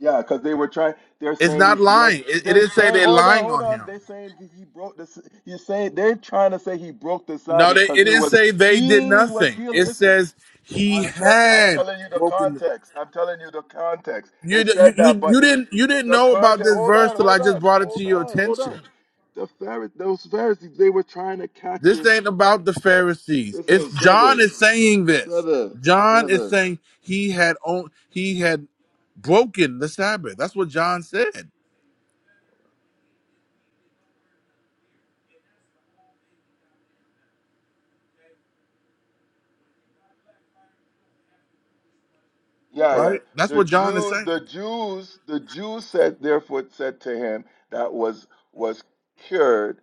Speaker 6: Yeah, because they were trying. They're
Speaker 3: It's
Speaker 6: saying
Speaker 3: not
Speaker 6: he's.
Speaker 3: lying. It, it
Speaker 6: They
Speaker 3: didn't say
Speaker 6: say,
Speaker 3: they
Speaker 6: hold on,
Speaker 3: lying
Speaker 6: hold
Speaker 3: on
Speaker 6: on.
Speaker 3: him.
Speaker 6: They're saying he he broke this. He's saying they're trying to say he broke the
Speaker 3: No,
Speaker 6: Sabbath
Speaker 3: they,
Speaker 6: because
Speaker 3: it
Speaker 6: he
Speaker 3: didn't
Speaker 6: was
Speaker 3: say they did
Speaker 6: he was
Speaker 3: nothing.
Speaker 6: healing.
Speaker 3: It
Speaker 6: Listen,
Speaker 3: says he
Speaker 6: I'm sure, I'm
Speaker 3: had
Speaker 6: telling you the
Speaker 3: broken. The,
Speaker 6: context. I'm telling you the context.
Speaker 3: you,
Speaker 6: It
Speaker 3: you
Speaker 6: said that,
Speaker 3: you
Speaker 6: but
Speaker 3: you
Speaker 6: it
Speaker 3: didn't you didn't
Speaker 6: the
Speaker 3: know about
Speaker 6: context.
Speaker 3: this
Speaker 6: Hold
Speaker 3: verse
Speaker 6: on,
Speaker 3: till I
Speaker 6: hold
Speaker 3: just
Speaker 6: on,
Speaker 3: brought it to
Speaker 6: hold
Speaker 3: your
Speaker 6: on, hold
Speaker 3: attention.
Speaker 6: on. The Pharisees, those Pharisees, they were trying to catch
Speaker 3: This
Speaker 6: him.
Speaker 3: ain't about the Pharisees. It's
Speaker 6: Listen,
Speaker 3: John
Speaker 6: brother,
Speaker 3: is saying this.
Speaker 6: brother,
Speaker 3: John is
Speaker 6: brother.
Speaker 3: saying he had on, he had broken the Sabbath. That's what John said.
Speaker 6: Yeah, yeah.
Speaker 3: That's
Speaker 6: The
Speaker 3: what John is
Speaker 6: Jews,
Speaker 3: saying.
Speaker 6: the Jews, the Jews said, therefore said to him that was was cured.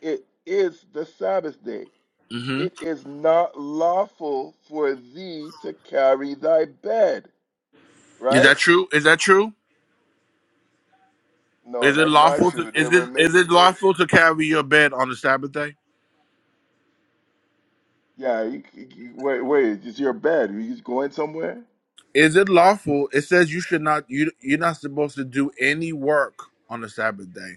Speaker 6: It is the Sabbath day.
Speaker 3: hmm
Speaker 6: It is not lawful for thee to carry thy bed.
Speaker 3: Is that
Speaker 6: Right?
Speaker 3: true? Is that true?
Speaker 6: No,
Speaker 3: Is it
Speaker 6: that's not
Speaker 3: lawful? To,
Speaker 6: true. They
Speaker 3: is it
Speaker 6: were
Speaker 3: is
Speaker 6: making
Speaker 3: it
Speaker 6: they
Speaker 3: lawful to carry your bed on the Sabbath day?
Speaker 6: yeah, you, you, you- wait, wait, it's your bed. Are you going somewhere?
Speaker 3: Is it lawful? It says you should not. You you're not supposed to do any work on the Sabbath day.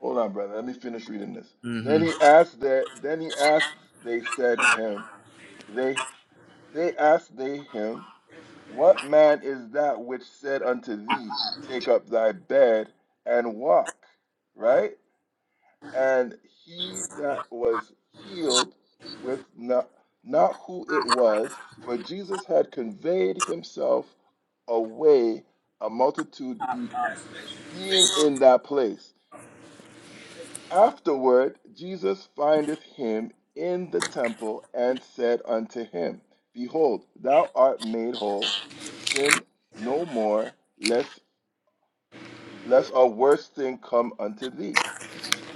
Speaker 6: Hold on, brother. Let me finish reading this. Then
Speaker 3: hmm
Speaker 6: he asked that then he asked they said him they they asked they him, What man is that which said unto thee, Take up thy bed and walk? Right? and he that was healed with not, not who it was, for Jesus had conveyed himself away, a multitude be, being in that place. Afterward, Jesus findeth him in the temple and said unto him, Behold, thou art made whole, sin no more, lest, lest a worse thing come unto thee.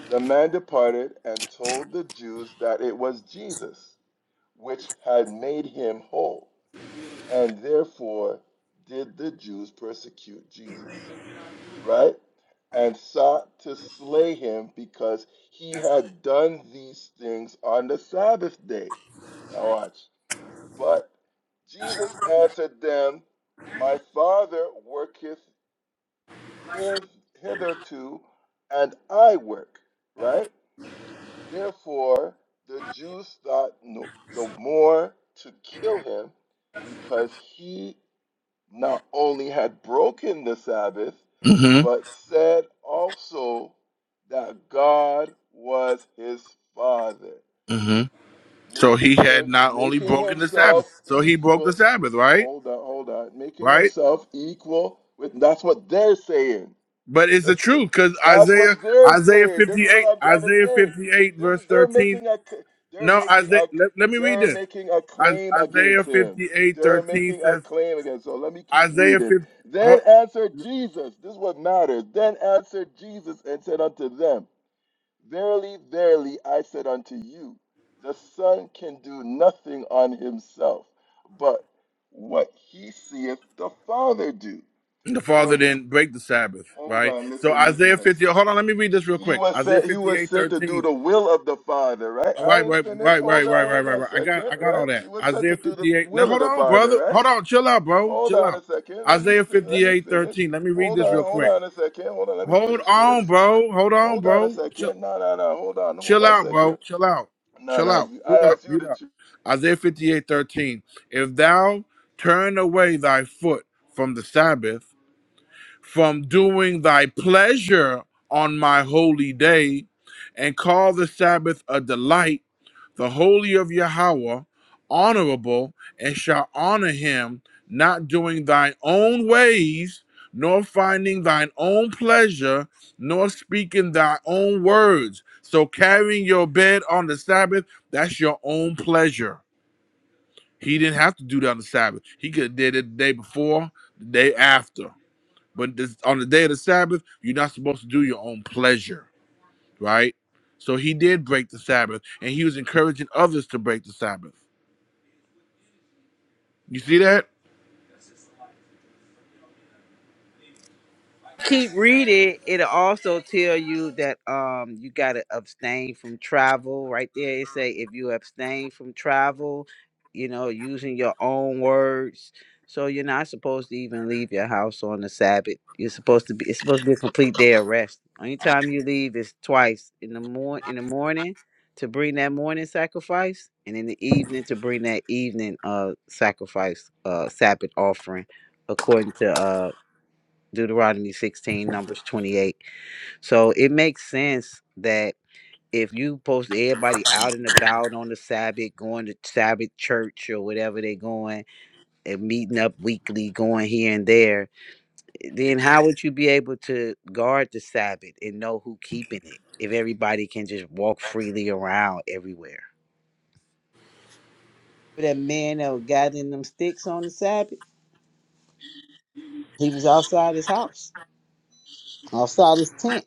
Speaker 6: The man departed and told the Jews that it was Jesus which had made him whole, and therefore did the Jews persecute Jesus, right? And sought to slay him because he had done these things on the Sabbath day. Now, watch. But Jesus answered them, My Father worketh here, hitherto, and I work, right? Therefore, the Jews thought no, the more to kill him because he not only had broken the Sabbath,
Speaker 3: hmm
Speaker 6: but said also that God was his father,
Speaker 3: hmm So he
Speaker 6: making
Speaker 3: had
Speaker 6: him
Speaker 3: not only
Speaker 6: making
Speaker 3: broken the
Speaker 6: himself
Speaker 3: Sabbath, so he broke the
Speaker 6: equal
Speaker 3: Sabbath, right?
Speaker 6: hold on, hold on, making
Speaker 3: right?
Speaker 6: himself equal with that's what they're saying.
Speaker 3: But it's the truth because
Speaker 6: That's
Speaker 3: Isaiah
Speaker 6: what they're
Speaker 3: Isaiah
Speaker 6: saying. This is what
Speaker 3: 58
Speaker 6: I'm trying to
Speaker 3: Isaiah
Speaker 6: say.
Speaker 3: 58
Speaker 6: This
Speaker 3: verse
Speaker 6: they're
Speaker 3: 13.
Speaker 6: making a c- they're
Speaker 3: No,
Speaker 6: making
Speaker 3: Isaiah.
Speaker 6: a
Speaker 3: Let, let me read
Speaker 6: they're
Speaker 3: this.
Speaker 6: making a
Speaker 3: I,
Speaker 6: claim
Speaker 3: Isaiah
Speaker 6: against him.
Speaker 3: 58
Speaker 6: They're
Speaker 3: 13
Speaker 6: making a
Speaker 3: says
Speaker 6: claim against. So let me keep
Speaker 3: Isaiah
Speaker 6: reading.
Speaker 3: 50. oh,
Speaker 6: Then answered Jesus. This is what matters. Then answered Jesus and said unto them, Verily, verily, I said unto you, the Son can do nothing on himself, but what he seeth the Father do.
Speaker 3: the father
Speaker 6: For
Speaker 3: didn't break the Sabbath,
Speaker 6: hold
Speaker 3: right?
Speaker 6: on,
Speaker 3: So
Speaker 6: listen,
Speaker 3: Isaiah
Speaker 6: listen.
Speaker 3: 50. Hold on, let me read this real
Speaker 6: He
Speaker 3: quick.
Speaker 6: was
Speaker 3: Isaiah
Speaker 6: sent. He
Speaker 3: fifty
Speaker 6: was
Speaker 3: eight
Speaker 6: sent to do
Speaker 3: thirteen.
Speaker 6: the will of the Father, right?
Speaker 3: All
Speaker 6: I
Speaker 3: right,
Speaker 6: ain't
Speaker 3: right,
Speaker 6: finished.
Speaker 3: right, right,
Speaker 6: Hold on.
Speaker 3: right, right,
Speaker 6: Hold
Speaker 3: right,
Speaker 6: on a
Speaker 3: right. I got,
Speaker 6: second,
Speaker 3: I got all
Speaker 6: right?
Speaker 3: that.
Speaker 6: He was sent
Speaker 3: Isaiah
Speaker 6: to do the
Speaker 3: 58. Now,
Speaker 6: will of
Speaker 3: hold
Speaker 6: the
Speaker 3: on,
Speaker 6: Father,
Speaker 3: brother.
Speaker 6: right?
Speaker 3: Hold on. Chill out, bro.
Speaker 6: Hold
Speaker 3: Chill
Speaker 6: on
Speaker 3: out.
Speaker 6: a second. Let me
Speaker 3: Isaiah
Speaker 6: fin- Let
Speaker 3: fifty
Speaker 6: me
Speaker 3: eight
Speaker 6: finish.
Speaker 3: 13. Let me read
Speaker 6: Hold
Speaker 3: this
Speaker 6: on.
Speaker 3: real
Speaker 6: Hold
Speaker 3: quick.
Speaker 6: on a second. Hold on. Let me
Speaker 3: Hold
Speaker 6: finish
Speaker 3: on,
Speaker 6: this.
Speaker 3: bro. Hold on,
Speaker 6: Hold on a
Speaker 3: bro. Chill,
Speaker 6: second. No, no, no. Hold on. Hold
Speaker 3: chill
Speaker 6: on a
Speaker 3: out, bro.
Speaker 6: second.
Speaker 3: Chill out.
Speaker 6: No,
Speaker 3: Chill
Speaker 6: no.
Speaker 3: out.
Speaker 6: You,
Speaker 3: Mute
Speaker 6: I
Speaker 3: up.
Speaker 6: asked you
Speaker 3: Mute
Speaker 6: to
Speaker 3: up.
Speaker 6: choose.
Speaker 3: Isaiah fifty-eight thirteen. If thou turn away thy foot from the Sabbath, from doing thy pleasure on my holy day, and call the Sabbath a delight, the holy of Yahweh, honorable, and shall honor him, not doing thine own ways, nor finding thine own pleasure, nor speaking thy own words. So carrying your bed on the Sabbath, that's your own pleasure. He didn't have to do that on the Sabbath. He could have did it the day before, the day after. But this, on the day of the Sabbath, you're not supposed to do your own pleasure, right? So he did break the Sabbath, and he was encouraging others to break the Sabbath. You see that?
Speaker 1: keep reading, it'll also tell you that um you gotta abstain from travel. Right there, it say if you abstain from travel, you know, using your own words. So you're not supposed to even leave your house on the Sabbath. You're supposed to be. It's supposed to be a complete day of rest. Only time you leave is twice in the morning. In the morning to bring that morning sacrifice, and in the evening to bring that evening uh sacrifice uh Sabbath offering, according to uh Deuteronomy 16, Numbers 28. So it makes sense that if you post everybody out and about on the Sabbath, going to Sabbath church or whatever they're going, and meeting up weekly, going here and there, then how would you be able to guard the Sabbath and know who keeping it if everybody can just walk freely around everywhere? But that man that was gathering them sticks on the Sabbath, he was outside his house, outside his tent.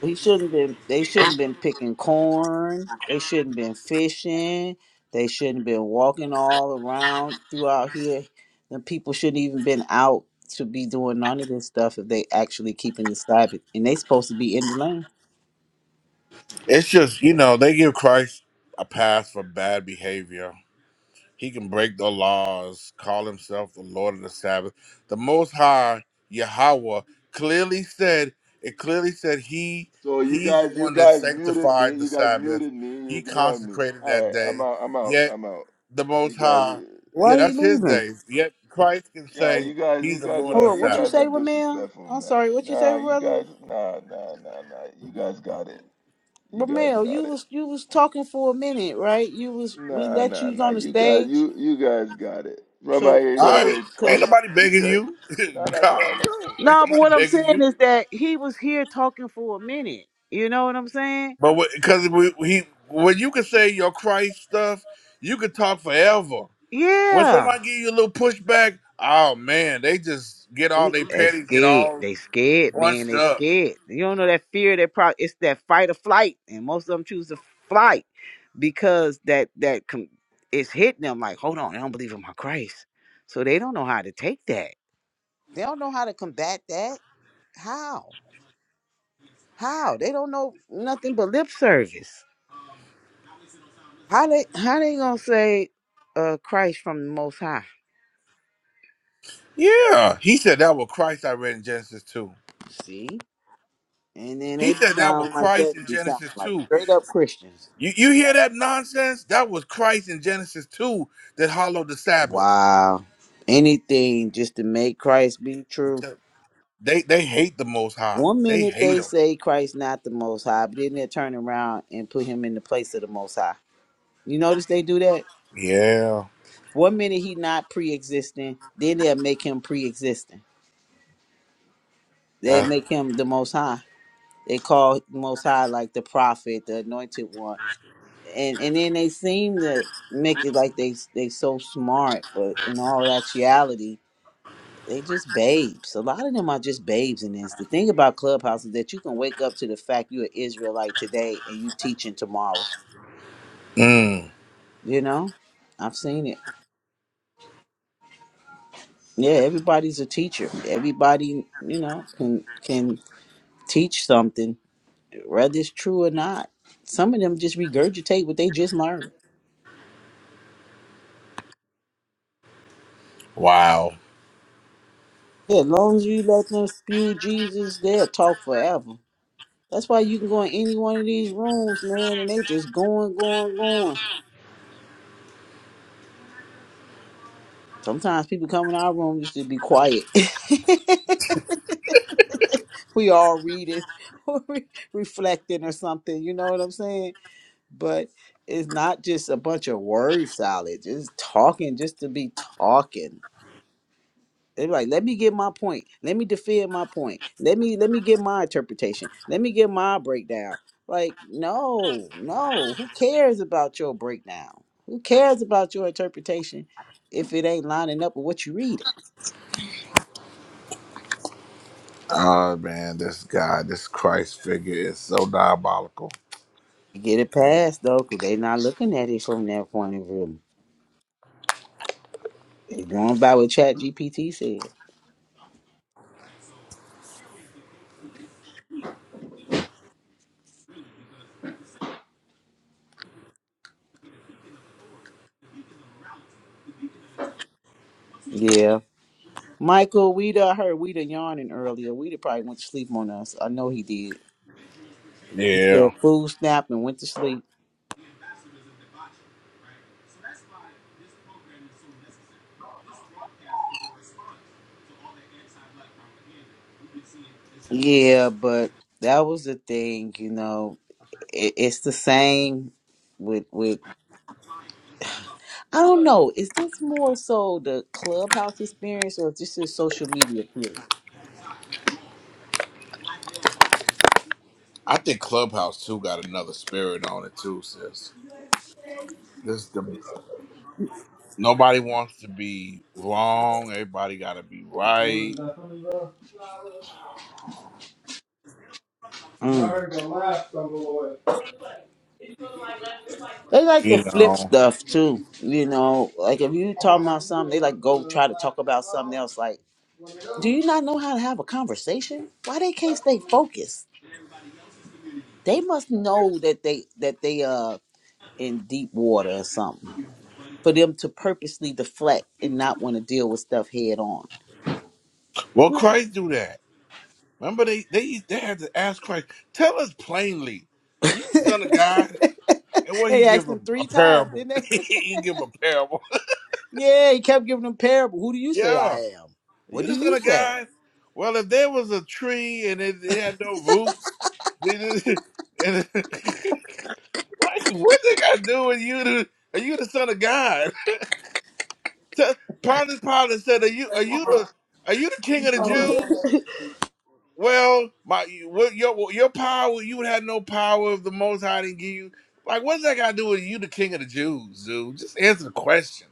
Speaker 1: He shouldn't been. They shouldn't been picking corn. They shouldn't been fishing. They shouldn't been walking all around throughout here. The people shouldn't even been out to be doing none of this stuff if they actually keeping the Sabbath. And they supposed to be in the land.
Speaker 3: It's just, you know, they give Christ a pass for bad behavior. He can break the laws, call himself the Lord of the Sabbath. The Most High, Yahweh, clearly said, it clearly said he
Speaker 6: So you
Speaker 3: he's the
Speaker 6: guys, you
Speaker 3: one that
Speaker 6: guys muted me.
Speaker 3: sanctified the
Speaker 6: You guys
Speaker 3: Sabbath.
Speaker 6: muted me. You
Speaker 3: He
Speaker 6: ignored me.
Speaker 3: consecrated
Speaker 6: All
Speaker 3: that
Speaker 6: right.
Speaker 3: day.
Speaker 6: I'm out. I'm out.
Speaker 3: Yet
Speaker 6: I'm out.
Speaker 3: the
Speaker 6: You
Speaker 3: Most High,
Speaker 6: guys.
Speaker 3: yeah,
Speaker 1: Why he
Speaker 3: that's his
Speaker 1: leaving?
Speaker 3: day. Yet Christ can
Speaker 6: Yeah,
Speaker 3: say
Speaker 6: you guys, you
Speaker 3: he's the
Speaker 6: guys
Speaker 3: Lord of
Speaker 6: are,
Speaker 1: Hold
Speaker 3: the
Speaker 1: on.
Speaker 6: you
Speaker 1: What you
Speaker 3: Sabbath.
Speaker 6: guys are
Speaker 1: say, Ramel?
Speaker 6: disrespectful,
Speaker 1: I'm
Speaker 6: man.
Speaker 1: sorry. What you say,
Speaker 6: Nah, you
Speaker 1: brother?
Speaker 6: guys, nah, nah, nah, nah. You guys got it. You guys
Speaker 1: Ramel, you
Speaker 6: got it.
Speaker 1: was you was talking for a minute, right? You was we
Speaker 6: Nah,
Speaker 1: let
Speaker 6: nah,
Speaker 1: you
Speaker 6: nah.
Speaker 1: on the
Speaker 6: You guys,
Speaker 1: stage.
Speaker 6: you, you guys got it. From out
Speaker 1: So
Speaker 6: here, you
Speaker 3: All
Speaker 1: so
Speaker 6: guys
Speaker 3: right,
Speaker 1: cause,
Speaker 6: say
Speaker 3: ain't
Speaker 6: Christ,
Speaker 1: 'cause
Speaker 3: nobody
Speaker 6: you
Speaker 3: begging
Speaker 6: Christ.
Speaker 3: you.
Speaker 6: Nah, that's
Speaker 3: God,
Speaker 6: fine. That's
Speaker 3: no, ain't
Speaker 1: No, but
Speaker 3: nobody
Speaker 1: what I'm
Speaker 3: begging
Speaker 1: saying
Speaker 3: you.
Speaker 1: is that he was here talking for a minute. You know what I'm saying?
Speaker 3: But because we, he, when you can say your Christ stuff, you could talk forever. When
Speaker 1: Yeah.
Speaker 3: somebody give you a little pushback, oh man, they just get all
Speaker 1: He-
Speaker 3: they
Speaker 1: They
Speaker 3: petty, get
Speaker 1: scared.
Speaker 3: all
Speaker 1: They scared, man.
Speaker 3: bunched
Speaker 1: They
Speaker 3: up.
Speaker 1: scared. You don't know that fear. That probably it's that fight or flight, and most of them choose to flight because that that com- it's hitting them. Like, hold on, I don't believe in my Christ, so they don't know how to take that. They don't know how to combat that. How? How? They don't know nothing but lip service. How they how they gonna say uh Christ from the Most High?
Speaker 3: Yeah, he said that was Christ. I read in Genesis two.
Speaker 1: See? And then
Speaker 3: He
Speaker 1: they be
Speaker 3: said that was
Speaker 1: sound like that
Speaker 3: Christ
Speaker 1: and
Speaker 3: in
Speaker 1: be sound
Speaker 3: Genesis
Speaker 1: like
Speaker 3: two.
Speaker 1: straight up Christians.
Speaker 3: You you hear that nonsense? That was Christ in Genesis two that hollowed the Sabbath.
Speaker 1: Wow. Anything just to make Christ be true.
Speaker 3: They they hate the Most High.
Speaker 1: One
Speaker 3: They
Speaker 1: minute
Speaker 3: hate
Speaker 1: they
Speaker 3: him.
Speaker 1: say Christ not the most high, but then they turn around and put him in the place of the most high. You notice they do that?
Speaker 3: Yeah.
Speaker 1: One minute he not pre existing, then they'll make him pre existing. They
Speaker 3: That,
Speaker 1: make him the most high. They call the most high like the prophet, the anointed one. and and then they seem to make it like they they so smart, but in all actuality, they just babes. A lot of them are just babes in this. The thing about Clubhouse is that you can wake up to the fact you're an Israelite today and you teaching tomorrow.
Speaker 3: mm,
Speaker 1: You know, I've seen it. Yeah, everybody's a teacher. Everybody, you know, can can teach something, whether it's true or not. Some of them just regurgitate what they just learned.
Speaker 3: wow.
Speaker 1: Yeah, as long as you let them spew Jesus, they'll talk forever. That's why you can go in any one of these rooms, man, and they just going, going, going. Sometimes people come in our room just to be quiet. we all reading or re- reflecting or something, you know what I'm saying? But it's not just a bunch of word salads, it's talking just to be talking. they like, let me get my point. Let me defend my point. Let me let me get my interpretation. Let me get my breakdown. Like, no, no. Who cares about your breakdown? Who cares about your interpretation if it ain't lining up with what you reading?
Speaker 3: Oh man, this guy, this Christ figure is so diabolical.
Speaker 1: Get it past though, cause they not looking at it from that point of view. They going by what Chat GPT said. Yeah. Michael, we done heard we done yawning earlier. We done probably went to sleep on us. I know he did. He said
Speaker 3: Yeah,
Speaker 1: food snap and went to sleep. Yeah, but that was the thing, you know. It, it's the same with with I don't know. Is this more so the clubhouse experience or just this social media period?
Speaker 3: I think Clubhouse too got another spirit on it too, sis. This the nobody wants to be wrong. Everybody got to be right.
Speaker 1: Mm. They like to
Speaker 3: You
Speaker 1: flip
Speaker 3: know,
Speaker 1: stuff too, you know. Like if you talking about something, they like go try to talk about something else. Like, do you not know how to have a conversation? Why they can't stay focused? They must know that they that they uh in deep water or something. for them to purposely deflect and not want to deal with stuff head on.
Speaker 3: well, Christ do that. Remember, they they they had to ask Christ, tell us plainly, you the son of God, and what he
Speaker 1: They
Speaker 3: give
Speaker 1: asked him
Speaker 3: him a
Speaker 1: three times,
Speaker 3: parable.
Speaker 1: didn't they?
Speaker 3: he give him a parable.
Speaker 1: yeah, he kept giving them parable. Who do you say I
Speaker 3: yeah,
Speaker 1: am? What
Speaker 3: you
Speaker 1: do
Speaker 3: the son
Speaker 1: you
Speaker 3: of
Speaker 1: say?
Speaker 3: God. Well, if there was a tree and it, it had no roots Jesus, and, like, what they got to do with you? To, are you the son of God? Tell- Pontius Pilate said, "Are you are you the are you the king of the Jews?" Well, my what your your power you would have no power if the Most High didn't give you. Like, what's that got to do with you, the king of the Jews, dude? Just answer the question.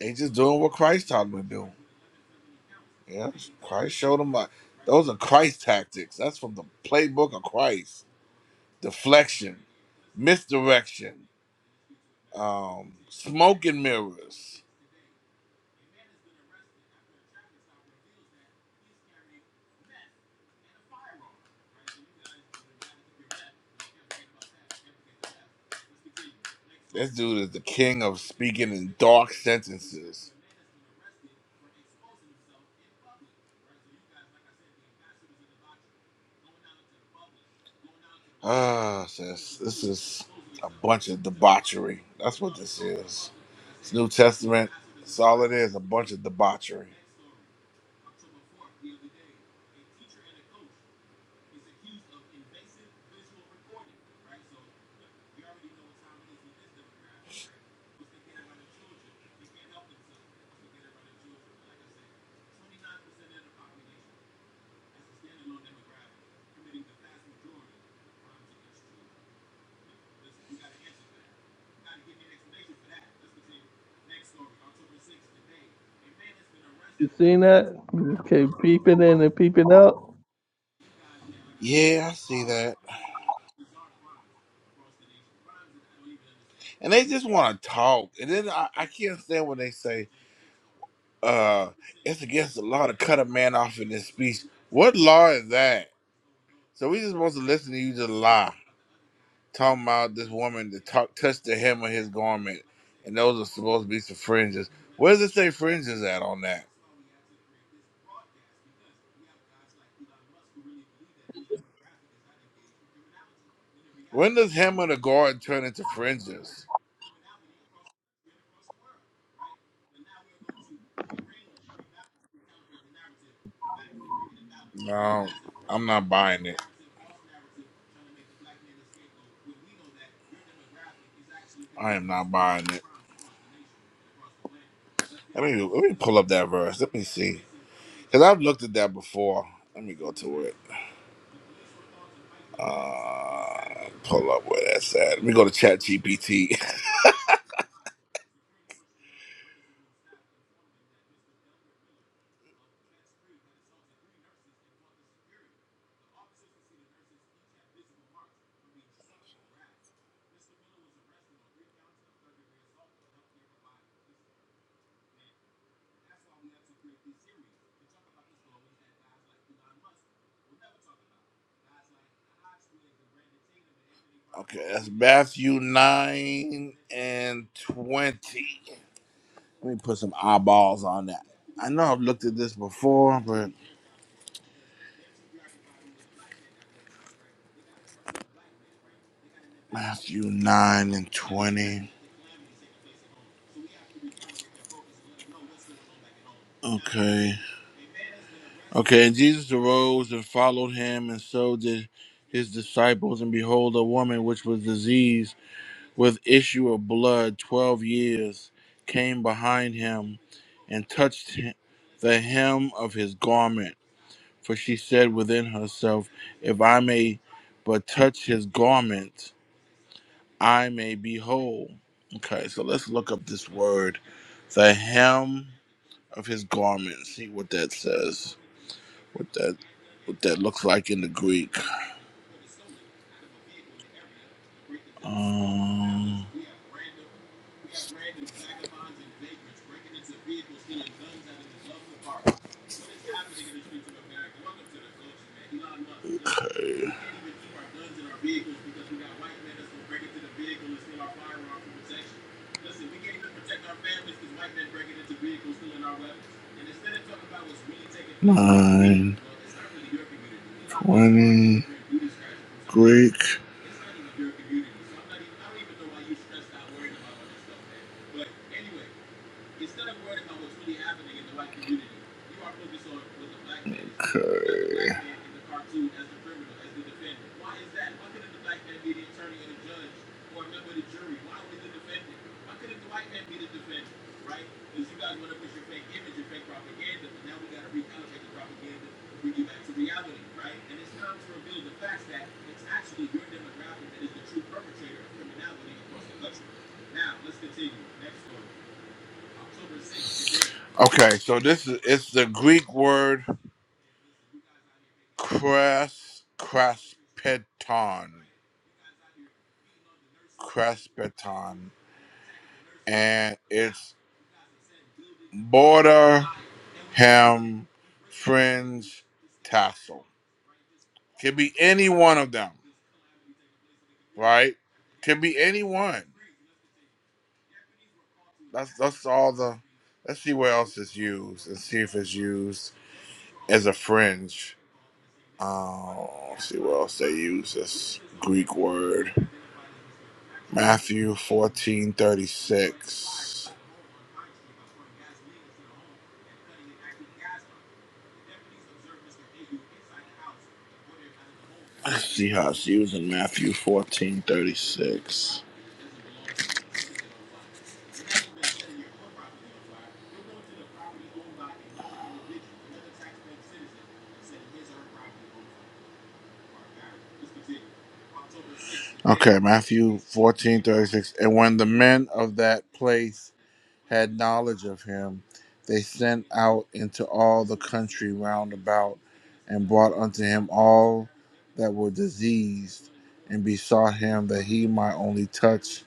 Speaker 3: They just doing what Christ taught them to do. Yeah, Christ showed them. Like, those are Christ tactics. That's from the playbook of Christ. Deflection, misdirection. Um, Smoke and Mirrors. This dude is the king of speaking in dark sentences. Ah, sis, this is a bunch of debauchery. That's what this is. It's New Testament. It's all it is, a bunch of debauchery.
Speaker 2: You seen that? You just keep peeping in and peeping out.
Speaker 3: Yeah, I see that. And they just want to talk. And then I, I can't stand when they say, uh, it's against the law to cut a man off in his speech. What law is that? So we just supposed to listen to you just lie. talking about this woman that talk, touched the hem of his garment, and those are supposed to be some fringes. Where does it say fringes at on that? When does hem of the garment turn into fringes? No, I'm not buying it. I am not buying it. Let me let me pull up that verse. Let me see, because I've looked at that before. Let me go to it. Uh, pull up where that's at. Let me go to ChatGPT. okay, that's Matthew nine and twenty. Let me put some eyeballs on that. I know I've looked at this before, but Matthew 9 and 20. Okay. Okay, and Jesus arose and followed him, and so did his disciples. And behold, a woman which was diseased with issue of blood 12 years came behind him and touched hi- the hem of his garment. For she said within herself, If I may but touch his garment, I may be whole. Okay, so let's look up this word. The hem of his garment. See what that says. What that what that looks like in the Greek. Um Nine, 20, Greek. Okay, so this is it's the Greek word cras craspeton. Crespeton, and it's border hem fringe tassel. Could be any one of them, right? Could be any one. That's that's all the. Let's see where else it's used and see if it's used as a fringe. Uh, let's see what else they use this Greek word. Matthew fourteen thirty six. Let's see how it's used in Matthew fourteen thirty six. Okay, Matthew 14 36. And when the men of that place had knowledge of him, they sent out into all the country round about and brought unto him all that were diseased and besought him that he might only touch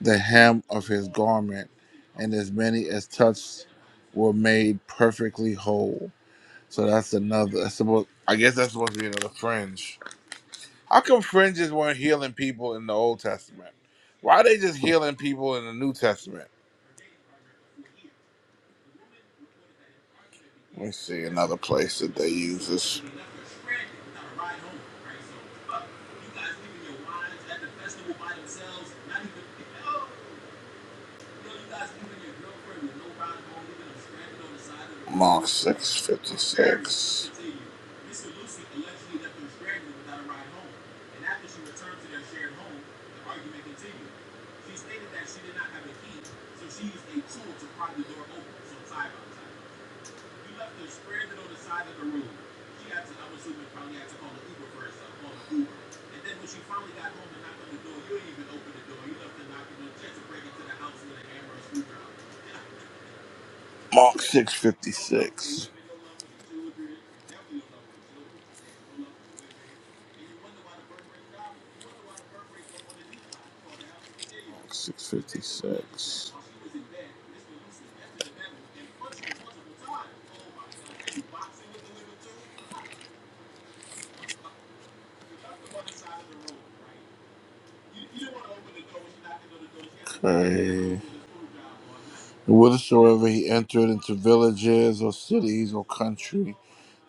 Speaker 3: the hem of his garment. And as many as touched were made perfectly whole. So that's another, that's supposed, I guess that's supposed to be another fringe. How come friends just weren't healing people in the Old Testament? Why are they just healing people in the New Testament? Let me see another place that they use this. Mark six fifty six. Mark six fifty six. Mark six fifty six. Okay. And whithersoever he entered into villages or cities or country,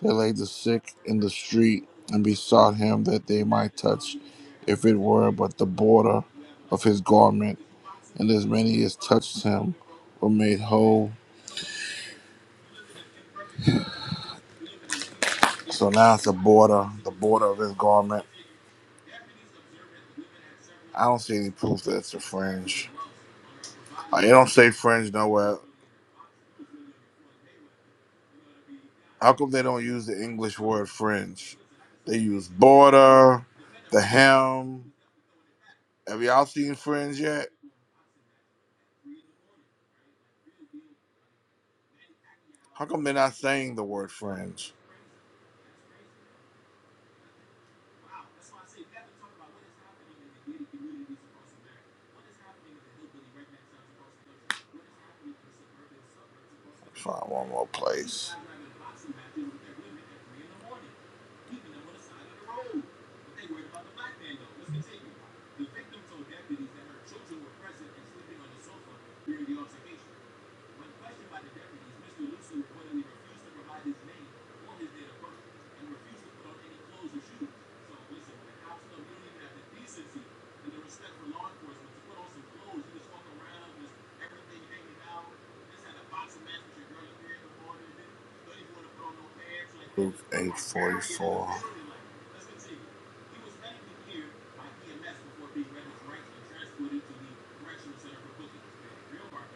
Speaker 3: they laid the sick in the street and besought him that they might touch, if it were but the border of his garment. and as many as touched him were made whole. So now it's the border, the border of his garment. I don't see any proof that it's a fringe. Uh, They don't say fringe nowhere. How come they don't use the English word fringe? They use border, the hem. Have y'all seen fringe yet? How come they're not saying the word fringe? Find one more place. Luke eight forty four.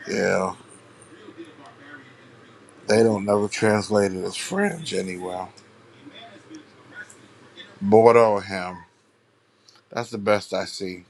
Speaker 3: Yeah, they don't never translate it as fringe anywhere. Bordeaux him. That's the best I see.